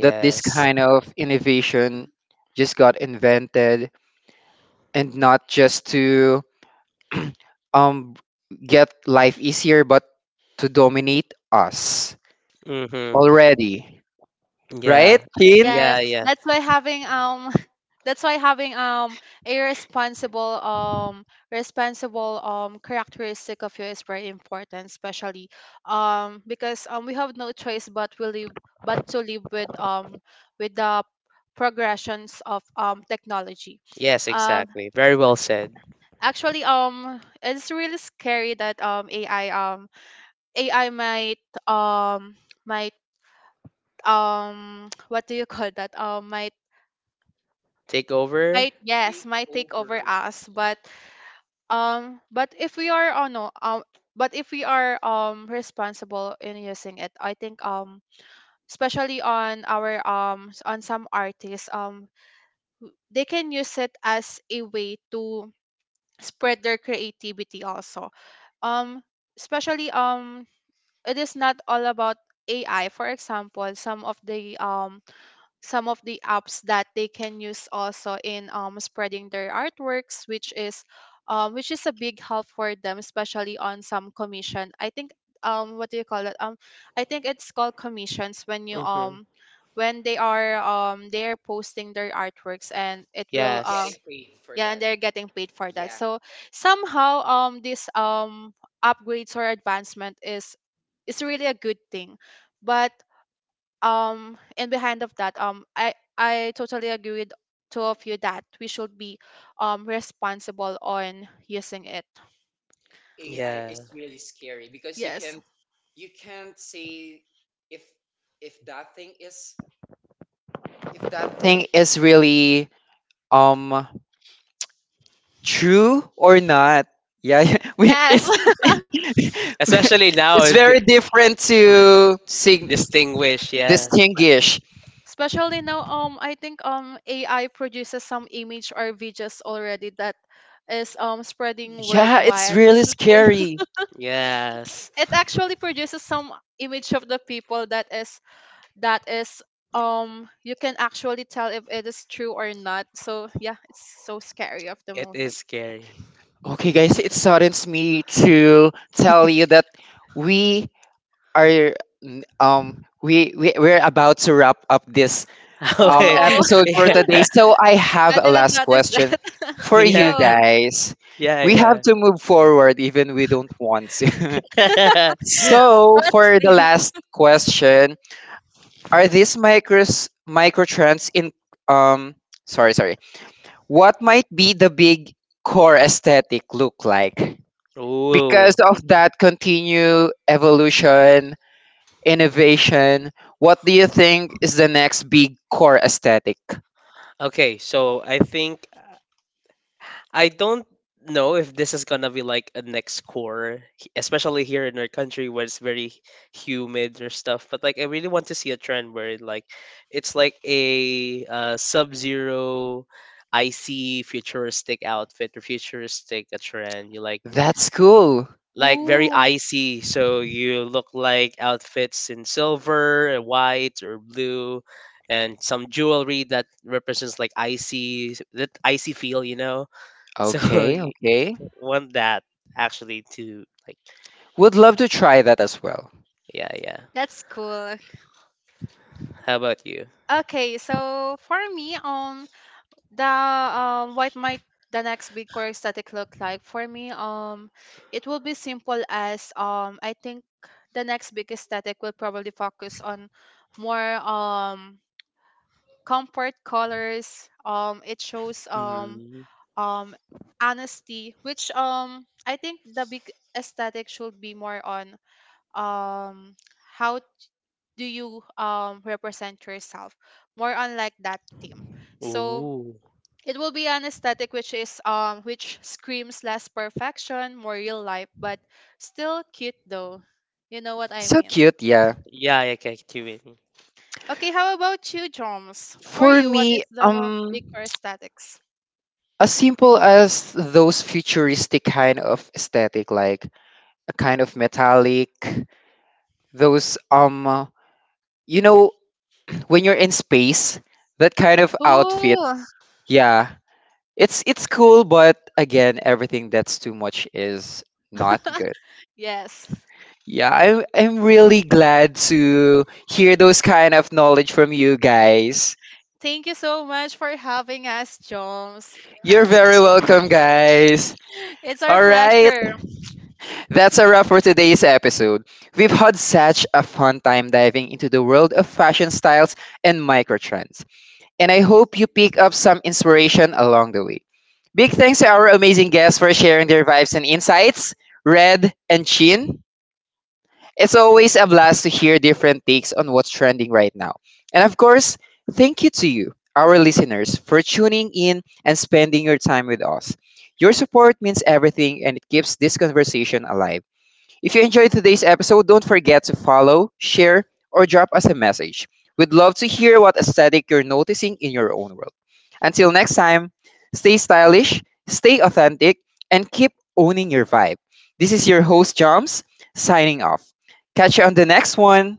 [SPEAKER 1] that this kind of innovation just got invented, and not just to um get life easier, but to dominate us
[SPEAKER 2] Mm-hmm.
[SPEAKER 1] already, right,
[SPEAKER 2] Yeah.
[SPEAKER 1] Tin?
[SPEAKER 3] Yes,
[SPEAKER 2] Yeah, yeah.
[SPEAKER 3] that's why having that's why having a responsible responsible characteristic of you is very important, especially because we have no choice but we live but to live with the progressions of technology.
[SPEAKER 2] Yes,
[SPEAKER 3] Um
[SPEAKER 2] exactly. Very well said.
[SPEAKER 3] Actually it's really scary that AI AI um might what do you call that
[SPEAKER 2] Take over.
[SPEAKER 3] might yes, might take over us. But but if we are, but if we are responsible in using it, I think especially on our um, on some artists, they can use it as a way to spread their creativity also. um Especially it is not all about AI. For example, some of the apps that they can use also in, spreading their artworks, which is a big help for them, especially on some commission. I think what do you call it, I think it's called commissions, when you
[SPEAKER 2] Mm-hmm.
[SPEAKER 3] when they are posting their artworks, and it will
[SPEAKER 1] And getting
[SPEAKER 2] Yes.
[SPEAKER 1] paid for
[SPEAKER 3] yeah,
[SPEAKER 1] that.
[SPEAKER 3] and they're getting paid for that.
[SPEAKER 1] Yeah,
[SPEAKER 3] So somehow this upgrades or advancement is really a good thing. But and behind of that, I totally agree with two of you that we should be responsible on using it.
[SPEAKER 1] AI is
[SPEAKER 2] Yeah.
[SPEAKER 1] really scary because you
[SPEAKER 3] Yes,
[SPEAKER 1] can, you can't say if if that thing is, if that thing is really um true or not. Yeah, we,
[SPEAKER 3] yes.
[SPEAKER 1] it's
[SPEAKER 2] Especially now,
[SPEAKER 1] it's
[SPEAKER 2] if-
[SPEAKER 1] very different to sing,
[SPEAKER 2] Distinguish, yeah.
[SPEAKER 1] distinguish.
[SPEAKER 3] Especially now, I think AI produces some image or videos already that is spreading
[SPEAKER 1] Yeah, it's
[SPEAKER 3] worldwide.
[SPEAKER 1] really
[SPEAKER 3] This is why-
[SPEAKER 1] scary.
[SPEAKER 2] Yes.
[SPEAKER 3] It actually produces some image of the people that is you can actually tell if it is true or not. So yeah, it's so scary of the
[SPEAKER 2] It is
[SPEAKER 3] moment.
[SPEAKER 2] scary.
[SPEAKER 1] Okay, guys, it saddens me to tell you that we are n- um we're about to wrap up this
[SPEAKER 2] Okay.
[SPEAKER 3] Oh,
[SPEAKER 1] episode for today. So I have
[SPEAKER 3] I
[SPEAKER 1] a
[SPEAKER 3] didn't
[SPEAKER 1] last
[SPEAKER 3] notice
[SPEAKER 1] question
[SPEAKER 3] that.
[SPEAKER 1] for
[SPEAKER 2] Yeah.
[SPEAKER 1] you
[SPEAKER 2] Yeah.
[SPEAKER 3] Go.
[SPEAKER 1] guys. We have
[SPEAKER 2] Yeah,
[SPEAKER 1] to move forward even we don't want to.
[SPEAKER 2] yeah.
[SPEAKER 1] So
[SPEAKER 3] That's
[SPEAKER 1] for the
[SPEAKER 3] deep.
[SPEAKER 1] last question, are these micros microtrends in um sorry, sorry, what might be the big core aesthetic look like
[SPEAKER 2] Ooh.
[SPEAKER 1] because of that continue evolution innovation. What do you think is the next big core aesthetic?
[SPEAKER 2] Okay, so I think I don't know if this is gonna be like a next core, h- especially here in our country where it's very humid or stuff. But like, I really want to see a trend where it, like it's like a sub-zero icy futuristic outfit or futuristic a trend. You
[SPEAKER 1] That's cool.
[SPEAKER 2] like very
[SPEAKER 3] Ooh,
[SPEAKER 2] icy, so you look like outfits in silver, white, or blue. And some jewelry that represents like icy, that icy feel, you know, so
[SPEAKER 1] Okay, okay.
[SPEAKER 2] want that actually to like
[SPEAKER 1] Would love to try that as well.
[SPEAKER 2] yeah, yeah.
[SPEAKER 3] that's cool.
[SPEAKER 2] How about you?
[SPEAKER 3] Okay, so for me, the what might the next big core static look like for me? It will be simple as I think the next big static will probably focus on more comfort colors. It shows
[SPEAKER 2] Mm.
[SPEAKER 3] um honesty, which I think the big aesthetic should be more on um how do you represent yourself, more on like that theme. So
[SPEAKER 2] Ooh.
[SPEAKER 3] it will be an aesthetic which is which screams less perfection, more real life, but still cute though, you know what I
[SPEAKER 1] So
[SPEAKER 3] mean?
[SPEAKER 1] cute, yeah.
[SPEAKER 2] Yeah, yeah, okay, two
[SPEAKER 3] Okay, how about you, Joms? For
[SPEAKER 1] For
[SPEAKER 3] you, what is
[SPEAKER 1] me,
[SPEAKER 3] the big core aesthetics?
[SPEAKER 1] as simple as those futuristic kind of aesthetic, like a kind of metallic, those you know when you're in space, that kind of outfit.
[SPEAKER 3] Ooh,
[SPEAKER 1] Yeah. It's cool, but again, everything that's too much is not good.
[SPEAKER 3] Yes.
[SPEAKER 1] Yeah, I'm really glad to hear those kind of knowledge from you guys.
[SPEAKER 3] Thank you so much for having us, Jones.
[SPEAKER 1] You're very welcome, guys.
[SPEAKER 3] It's our
[SPEAKER 1] All right,
[SPEAKER 3] pleasure.
[SPEAKER 1] that's a wrap for today's episode. We've had such a fun time diving into the world of fashion styles and microtrends, and I hope you pick up some inspiration along the way. Big thanks to our amazing guests for sharing their vibes and insights, Red and Chin. It's always a blast to hear different takes on what's trending right now. And of course, thank you to you, our listeners, for tuning in and spending your time with us. Your support means everything and it keeps this conversation alive. If you enjoyed today's episode, don't forget to follow, share, or drop us a message. We'd love to hear what aesthetic you're noticing in your own world. Until next time, stay stylish, stay authentic, and keep owning your vibe. This is your host, Joms, signing off. Catch you on the next one.